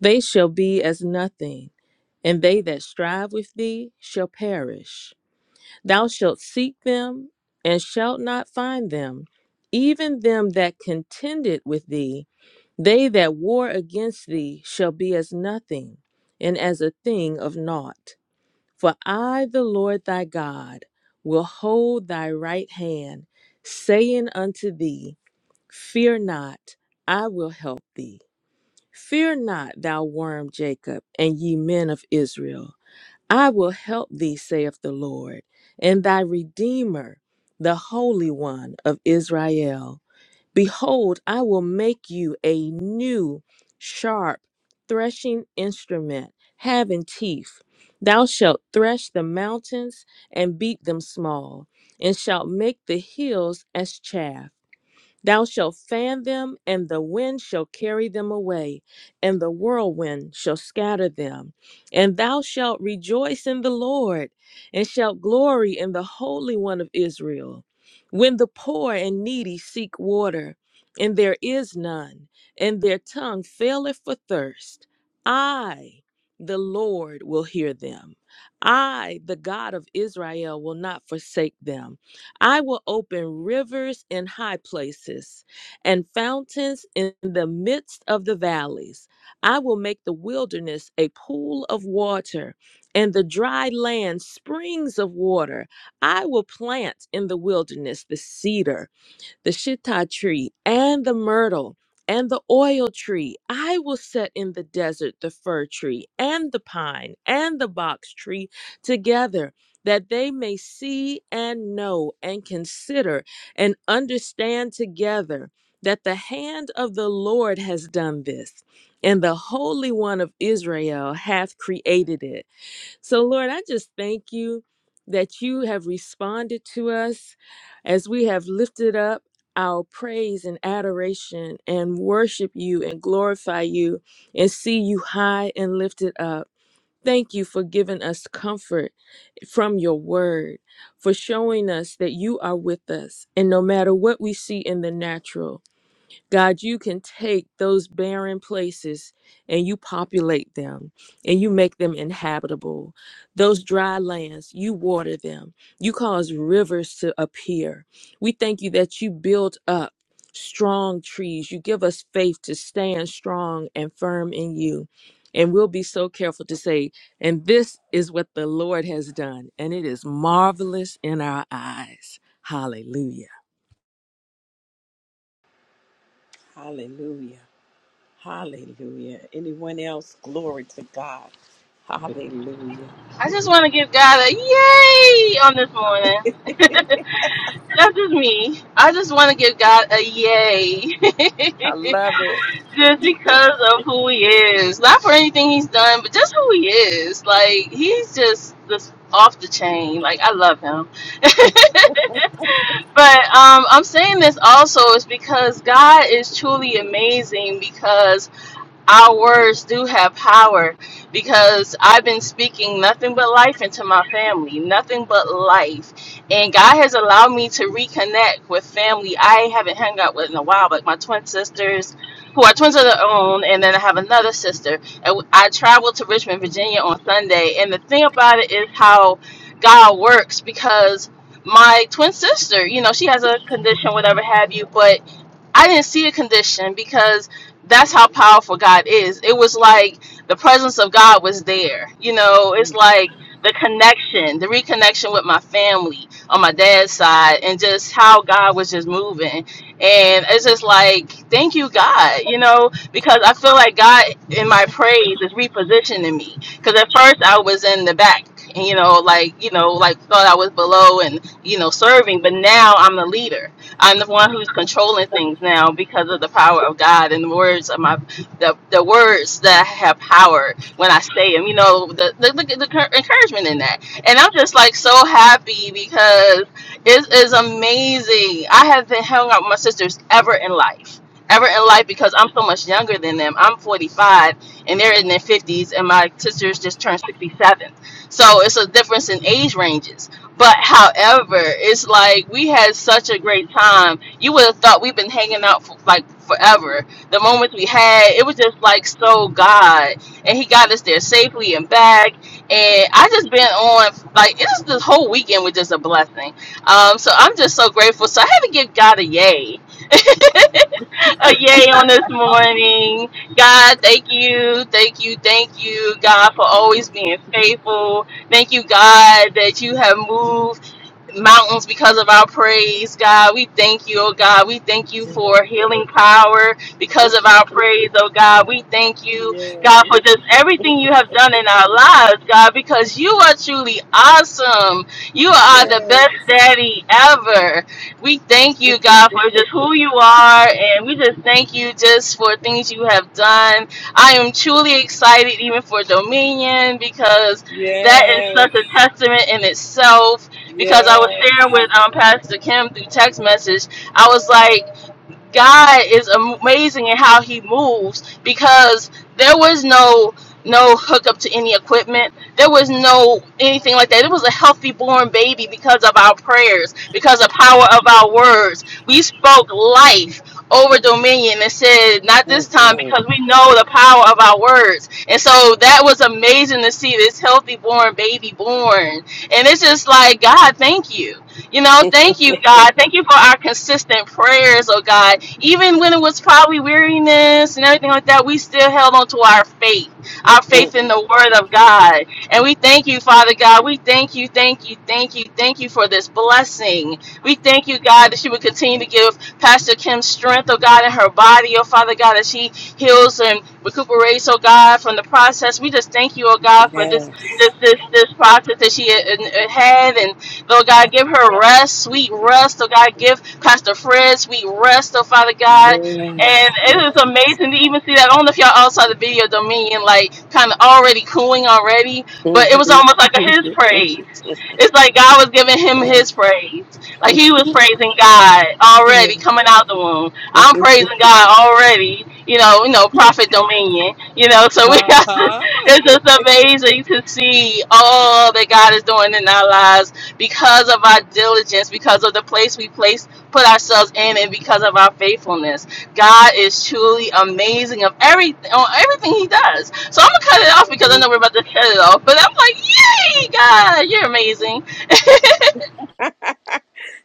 They shall be as nothing, and they that strive with thee shall perish. Thou shalt seek them, and shalt not find them, even them that contended with thee. They that war against thee shall be as nothing, and as a thing of naught. For I, the Lord thy God, will hold thy right hand, saying unto thee, Fear not, I will help thee. Fear not, thou worm Jacob, and ye men of Israel. I will help thee, saith the Lord, and thy Redeemer, the Holy One of Israel. Behold, I will make you a new, sharp, threshing instrument, having teeth. Thou shalt thresh the mountains and beat them small, and shalt make the hills as chaff. Thou shalt fan them, and the wind shall carry them away, and the whirlwind shall scatter them. And thou shalt rejoice in the Lord, and shalt glory in the Holy One of Israel. When the poor and needy seek water, and there is none, and their tongue faileth for thirst, I, the Lord, will hear them. I, the God of Israel, will not forsake them. I will open rivers in high places and fountains in the midst of the valleys. I will make the wilderness a pool of water and the dry land springs of water. I will plant in the wilderness the cedar the shittah tree and the myrtle and the oil tree. I will set in the desert the fir tree and the pine and the box tree together, that they may see and know and consider and understand together that the hand of the Lord has done this, and the Holy One of Israel hath created it. So, Lord, I just thank you that you have responded to us as we have lifted up our praise and adoration and worship you and glorify you and see you high and lifted up. Thank you for giving us comfort from your word, for showing us that you are with us. And no matter what we see in the natural, God, you can take those barren places and you populate them and you make them inhabitable. Those dry lands, you water them. You cause rivers to appear. We thank you that you build up strong trees. You give us faith to stand strong and firm in you. And we'll be so careful to say, and this is what the Lord has done, and it is marvelous in our eyes. Hallelujah.
Hallelujah. Hallelujah. Anyone else? Glory to God. Hallelujah.
I just want to give God a yay on this morning. *laughs* That's just me. I just want to give God a yay.
I
*laughs*
love it.
just because of who he is. Not for anything he's done, but just who he is. Like, he's just this off the chain. Like, I love him. But um, I'm saying this also is because God is truly amazing because. our words do have power because I've been speaking nothing but life into my family, nothing but life. And God has allowed me to reconnect with family I haven't hung out with in a while, like my twin sisters, who are twins of their own, and then I have another sister. And I traveled to Richmond, Virginia on Sunday. And the thing about it is how God works because my twin sister, you know, she has a condition, whatever have you, but I didn't see a condition because that's how powerful God is. It was like the presence of God was there. You know, it's
Mm.
like the connection, the reconnection with my family on my dad's side, and just how God was just moving. And it's just like, thank you, God, you know, because I feel like God in my praise is repositioning me. Because at first I was in the back. And, you know, like you know, like thought I was below and you know serving, but now I'm the leader I'm the one who's controlling things now because of the power of God and the words of my the, the words that have power when I say them. You know the the, the, the cur- encouragement in that, and I'm just like so happy because it is amazing. I have been hung out with my sisters ever in life. Ever in life because I'm so much younger than them. I'm 45 and they're in their 50s, and my sisters just turned 67. So it's a difference in age ranges but however, it's like we had such a great time. You would have thought we've been hanging out for like forever. The moments we had, it was just like so God, and He got us there safely and back. And I just been on like it's this whole weekend was just a blessing. Um, so I'm just so grateful. So I had to give God a yay, *laughs* a yay on this morning. God, thank you, thank you, thank you, God, for always being faithful. Thank you, God, that you have moved mountains because of our praise, God. We thank you, oh God. We thank you for healing power because of our praise, oh God. We thank you, God,
Yes.
for just everything you have done in our lives, God, because you are truly awesome. You are the
Yes.
best daddy ever. We thank you, God, for
*laughs*
just who you are, and we just thank you just for things you have done. I am truly excited even for Dominion because that is
yes.
such a testament in itself because I was
Yes.
sharing with um, Pastor Kim through text message. I was like, God is amazing in how he moves because there was no no hookup to any equipment. There was no anything like that. It was a healthy born baby because of our prayers, because of the power of our words. We spoke life over dominion and said, not
Mm,
this time
mm,
because we know the power of our words. And so that was amazing to see this healthy born baby born. And it's just like, God, thank you you know, thank you, God. Thank you for our consistent prayers, oh God. Even when it was probably weariness and everything like that, we still held on to our faith, our
mm.
faith in the Word of God. And we thank you, Father God. We thank you, thank you, thank you, thank you for this blessing. We thank you, God, that you would continue to give Pastor Kim strength, oh God, in her body, oh Father God, as she heals and recuperates, oh God, from the process. We just thank you, oh God, for this
Yes.
this this, this process that she had had and Lord God, give her rest, sweet rest. Lord God, give Pastor Fred sweet rest, oh Father God.
Yes.
And
yes.
it is amazing to even see that. I don't know if y'all all saw the video dominion, like kind of already cooing already, but it
hmm
was almost like a his praise. It's like God was giving him his praise. Like he was praising God already coming out the womb. I'm praising God already. You know, you know, prophet dominion. You know, so we
Uh huh.
*laughs* it's just amazing to see all that God is doing in our lives because of our diligence, because of the place we place put ourselves in, and because of our faithfulness. God is truly amazing of everything on everything He does. So I'm gonna cut it off because I know we're about to cut it off. But I'm like, yay, God, you're amazing.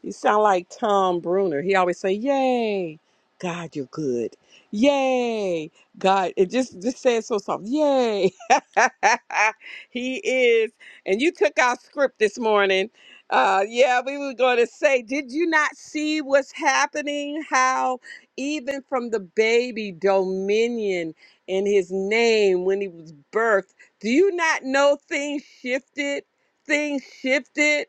You sound like Tom Bruner. He always say, "Yay, God, you're good. Yay, God." It just just says so soft. Yay, *laughs* he is. And you took our script this morning. Uh, yeah, we were going to say, did you not see what's happening? How even from the baby dominion in his name when he was birthed, do you not know things shifted? Things shifted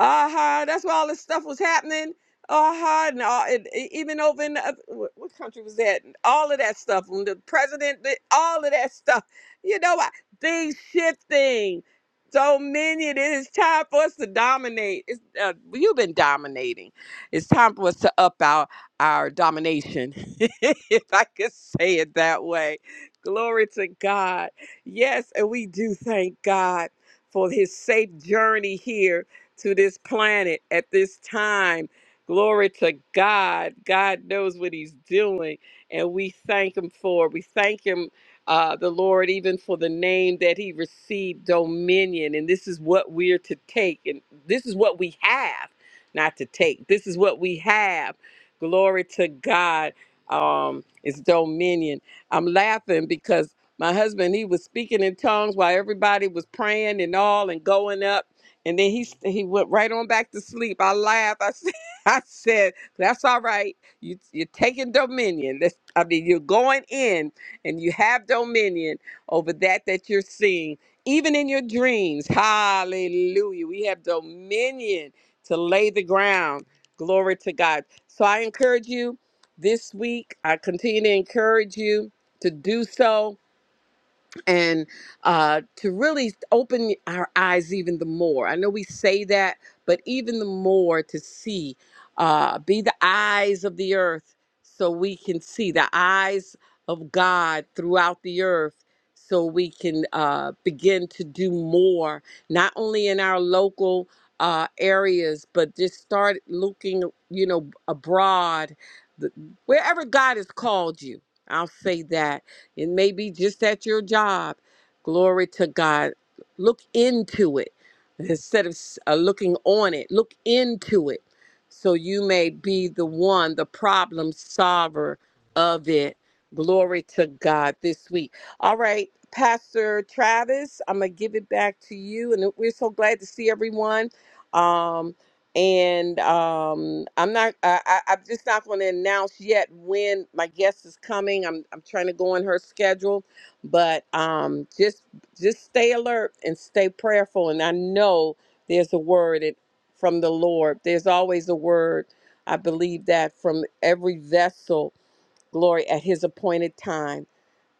uh-huh. That's where all this stuff was happening. Uh-huh. And, all, and e- even over in the, oth- wh- what country was that? All of that stuff. When the president, did all of that stuff. You know what? Things shifting. Dominion. It is time for us to dominate. It's, uh, you've been dominating. It's time for us to up our, our domination, *laughs* if I could say it that way. Glory to God. Yes, and we do thank God for his safe journey here to this planet at this time. Glory to God. God knows what He's doing, and we thank Him for it. We thank Him, uh, the Lord, even for the name that He received, dominion. And this is what we're to take, and this is what we have, not to take. This is what we have. Glory to God. Um, it's dominion. I'm laughing because my husband, he was speaking in tongues while everybody was praying and all and going up. And then he he went right on back to sleep. I laughed. I said, *laughs* I said that's all right. You you're taking dominion. That's, I mean, you're going in and you have dominion over that that you're seeing, even in your dreams. Hallelujah. We have dominion to lay the ground. Glory to God. So I encourage you this week. I continue to encourage you to do so and uh, to really open our eyes even the more. I know we say that, but even the more to see, uh, be the eyes of the earth so we can see the eyes of God throughout the earth so we can uh, begin to do more, not only in our local. Uh, areas, but just start looking, you know, abroad, the- wherever God has called you. I'll say that it may be just at your job. Glory to God. Look into it instead of uh, looking on it. Look into it so you may be the one, the problem solver of it. Glory to God this week. All right, Pastor Travis, I'm going to give it back to you. And we're so glad to see everyone. Um, and um, I'm not. I, I, I'm just not going to announce yet when my guest is coming. I'm I'm trying to go on her schedule, but um, just just stay alert and stay prayerful. And I know there's a word it, from the Lord. There's always a word. I believe that from every vessel, glory at His appointed time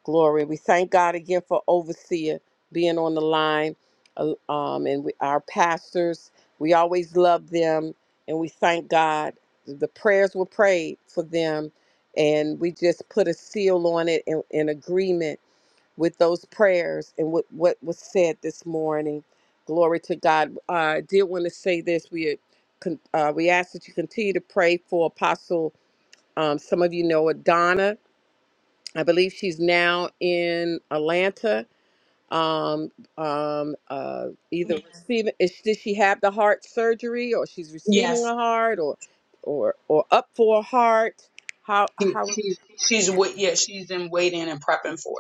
Glory. We thank God again for Overseer being on the line uh, um, and we, our pastors. We always love them and we thank God. The prayers were prayed for them and we just put a seal on it in, in agreement with those prayers and what, what was said this morning. Glory to God. Uh, I did want to say this. We, con- uh, we ask that you continue to pray for Apostle. Um, some of you know Adonna. I believe she's now in Atlanta. Um, um, uh, either Mhm. receiving is did she have the heart surgery, or she's receiving
Yes,
a heart, or or or up for a heart? How how?
she's wait. Yeah, she's in waiting and prepping for it.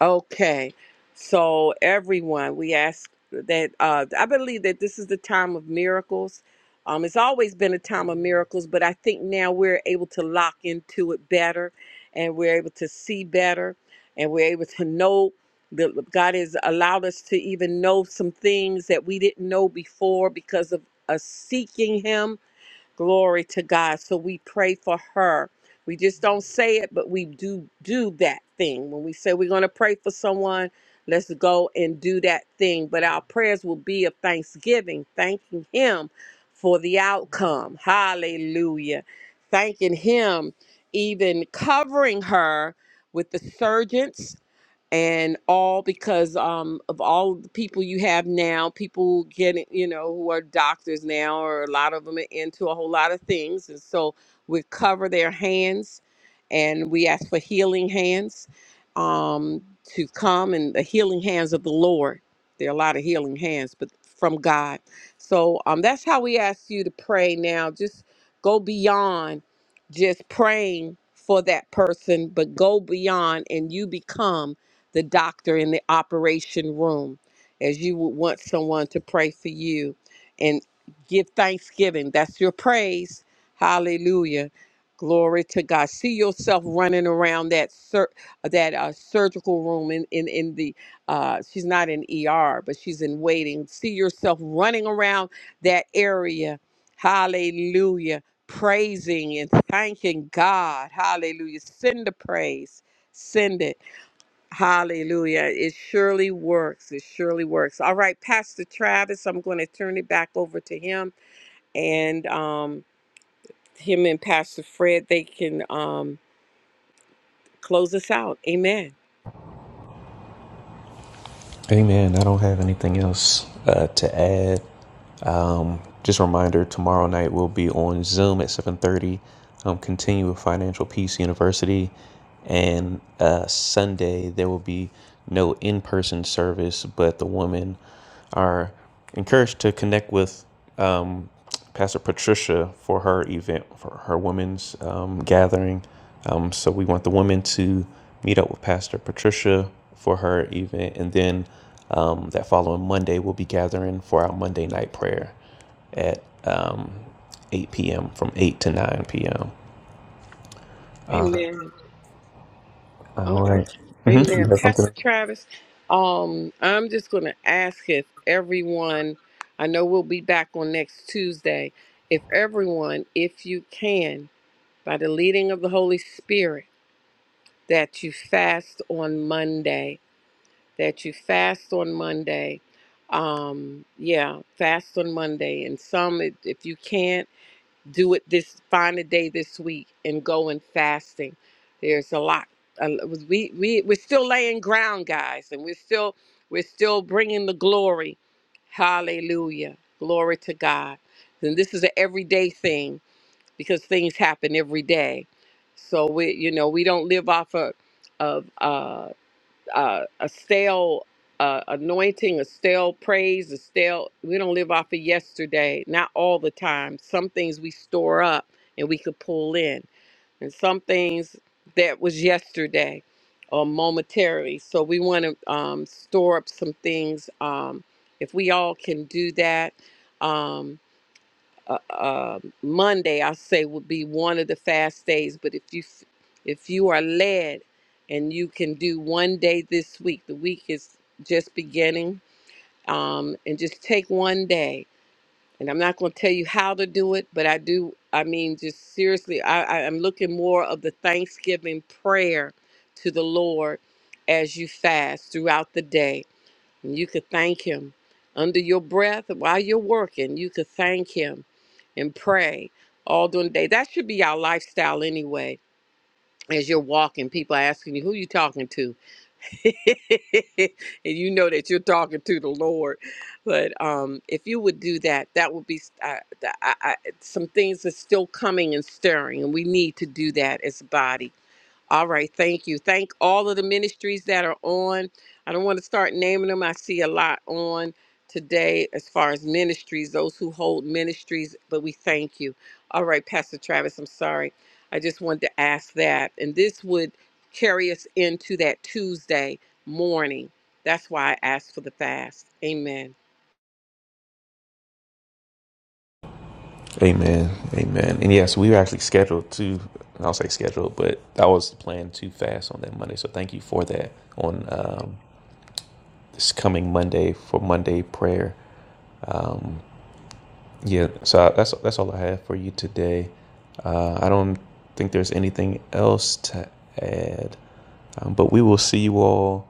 Okay. So everyone, we ask that uh I believe that this is the time of miracles. Um it's always been a time of miracles, but I think now we're able to lock into it better and we're able to see better and we're able to know that God has allowed us to even know some things that we didn't know before because of us seeking him Glory to God. So we pray for her. We just don't say it, but we do do that thing. When we say we're going to pray for someone, let's go and do that thing. But our prayers will be of thanksgiving, thanking him for the outcome. Hallelujah. Thanking him even covering her with the surgeons and all because um, of all the people you have now, people getting, you know, who are doctors now, or a lot of them are into a whole lot of things. And so we cover their hands and we ask for healing hands um, to come and the healing hands of the Lord. There are a lot of healing hands, but from God. So um, that's how we ask you to pray now. Just go beyond just praying for that person, but go beyond and you become the doctor in the operation room, as you would want someone to pray for you and give thanksgiving. That's your praise. Hallelujah. Glory to God. See yourself running around that sur- that uh, surgical room in in, in the uh, she's not in ER, but she's in waiting. See yourself running around that area. Hallelujah. Praising and thanking God. Hallelujah. Send the praise. Send it. Hallelujah. It surely works. It surely works. All right, Pastor Travis, I'm going to turn it back over to him and um, him and Pastor Fred, they can um, close us out. Amen.
Amen. I don't have anything else uh, to add. Um, just a reminder: tomorrow night we'll be on Zoom at seven thirty. Um, continue with Financial Peace University, and uh, Sunday there will be no in-person service, but the women are encouraged to connect with. um, Pastor Patricia for her event, for her women's um, gathering. Um, so we want the women to meet up with Pastor Patricia for her event. And then um, that following Monday, we'll be gathering for our Monday night prayer at um, 8 p.m., from 8 to 9 p.m.
Amen. Uh,
All right. Mm-hmm.
amen.
You have something?
Pastor Travis, um, I'm just going to ask if everyone, I know we'll be back on next Tuesday, if everyone, if you can, by the leading of the Holy Spirit, that you fast on Monday that you fast on Monday. Um, yeah, fast on Monday. And some, if if you can't do it this, find a day this week and go in fasting. There's a lot. Uh, we we we're still laying ground, guys, and we're still we're still bringing the glory. Hallelujah, glory to God. And this is an everyday thing because things happen every day. So we, you know, we don't live off of of. Uh, uh, a stale uh, anointing, a stale praise, a stale. We don't live off of yesterday, not all the time. Some things we store up and we could pull in, and some things that was yesterday or momentarily. So we want to um, store up some things. Um, if we all can do that, um, uh, uh, Monday, I say, would be one of the fast days. But if you f- if you are led and you can do one day this week, the week is just beginning, um, and just take one day. And I'm not going to tell you how to do it, but I do. I mean, just seriously, I, I am looking more of the Thanksgiving prayer to the Lord as you fast throughout the day. And you could thank Him under your breath while you're working. You could thank Him and pray all during the day. That should be our lifestyle anyway. As you're walking, people are asking you, who you talking to? *laughs* and you know that you're talking to the Lord. But um, if you would do that, that would be uh, the- I, I, some things are still coming and stirring, and we need to do that as a body. All right, thank you. Thank all of the ministries that are on. I don't want to start naming them. I see a lot on today as far as ministries, those who hold ministries, but we thank you. All right, Pastor Travis, I'm sorry. I just wanted to ask that. And this would carry us into that Tuesday morning. That's why I asked for the fast. Amen.
Amen. Amen. And yes, we were actually scheduled to, I'll say scheduled, but I was planning to fast on that Monday. So thank you for that on um, this coming Monday for Monday prayer. Um, yeah, so that's that's all I have for you today. Uh, I don't think there's anything else to add, um, but we will see you all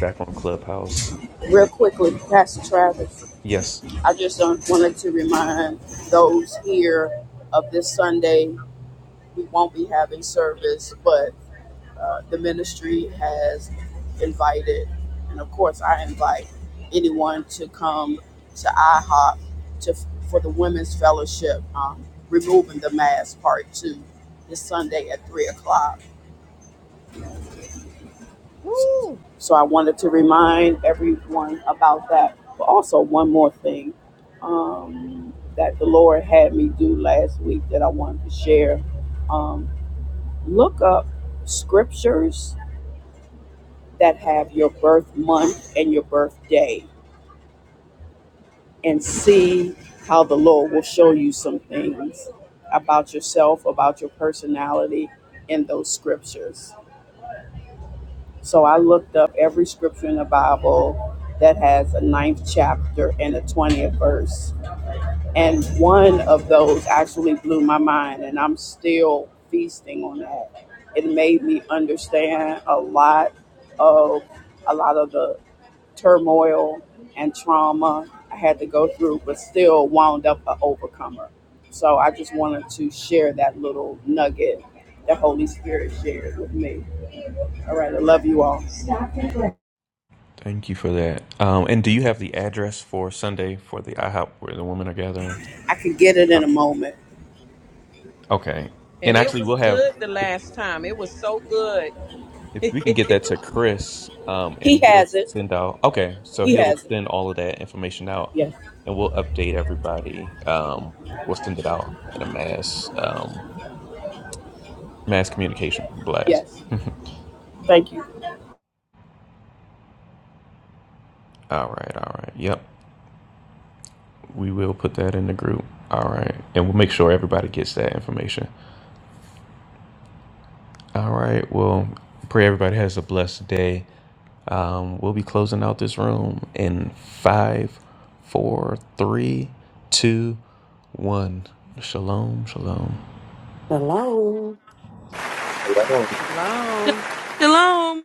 back on Clubhouse next
Real
week.
quickly, Pastor Travis,
Yes,
I just um, wanted to remind those here of this Sunday, we won't be having service, but uh, the ministry has invited, and of course, I invite anyone to come to IHOP to for the Women's Fellowship, um, removing the mask part two this Sunday at 3 o'clock.
Woo!
So I wanted to remind everyone about that. But also, one more thing um, that the Lord had me do last week that I wanted to share um, look up scriptures that have your birth month and your birthday and see how the Lord will show you some things about yourself, about your personality in those scriptures. So I looked up every scripture in the Bible that has a ninth chapter and a 20th verse. And one of those actually blew my mind, and I'm still feasting on that. It made me understand a lot of a lot of the turmoil and trauma I had to go through, but still wound up an overcomer. So I just wanted to share that little nugget that Holy Spirit shared with me. All right, I love you all.
thank you for that. Um, and do you have the address for Sunday for the IHOP where the women are gathering?
I can get it
Uh,
in a moment.
okay, and
And it
actually
was
we'll have
good the last time. It was so good.
If we can get that to Chris, um,
He
and he'll
has it.
send out. Okay, so
He
he'll
has it.
send all of that information out,
Yes.
and we'll update everybody. Um, we'll send it out in a mass um, mass communication blast.
Yes.
*laughs* all
Thank you.
right, all right. Yep, we will put that in the group. All right, and we'll make sure everybody gets that information. All right. Well, pray everybody has a blessed day. Um, we'll be closing out this room in five, four, three, two, one. Shalom, shalom.
Hello.
Hello.
Shalom.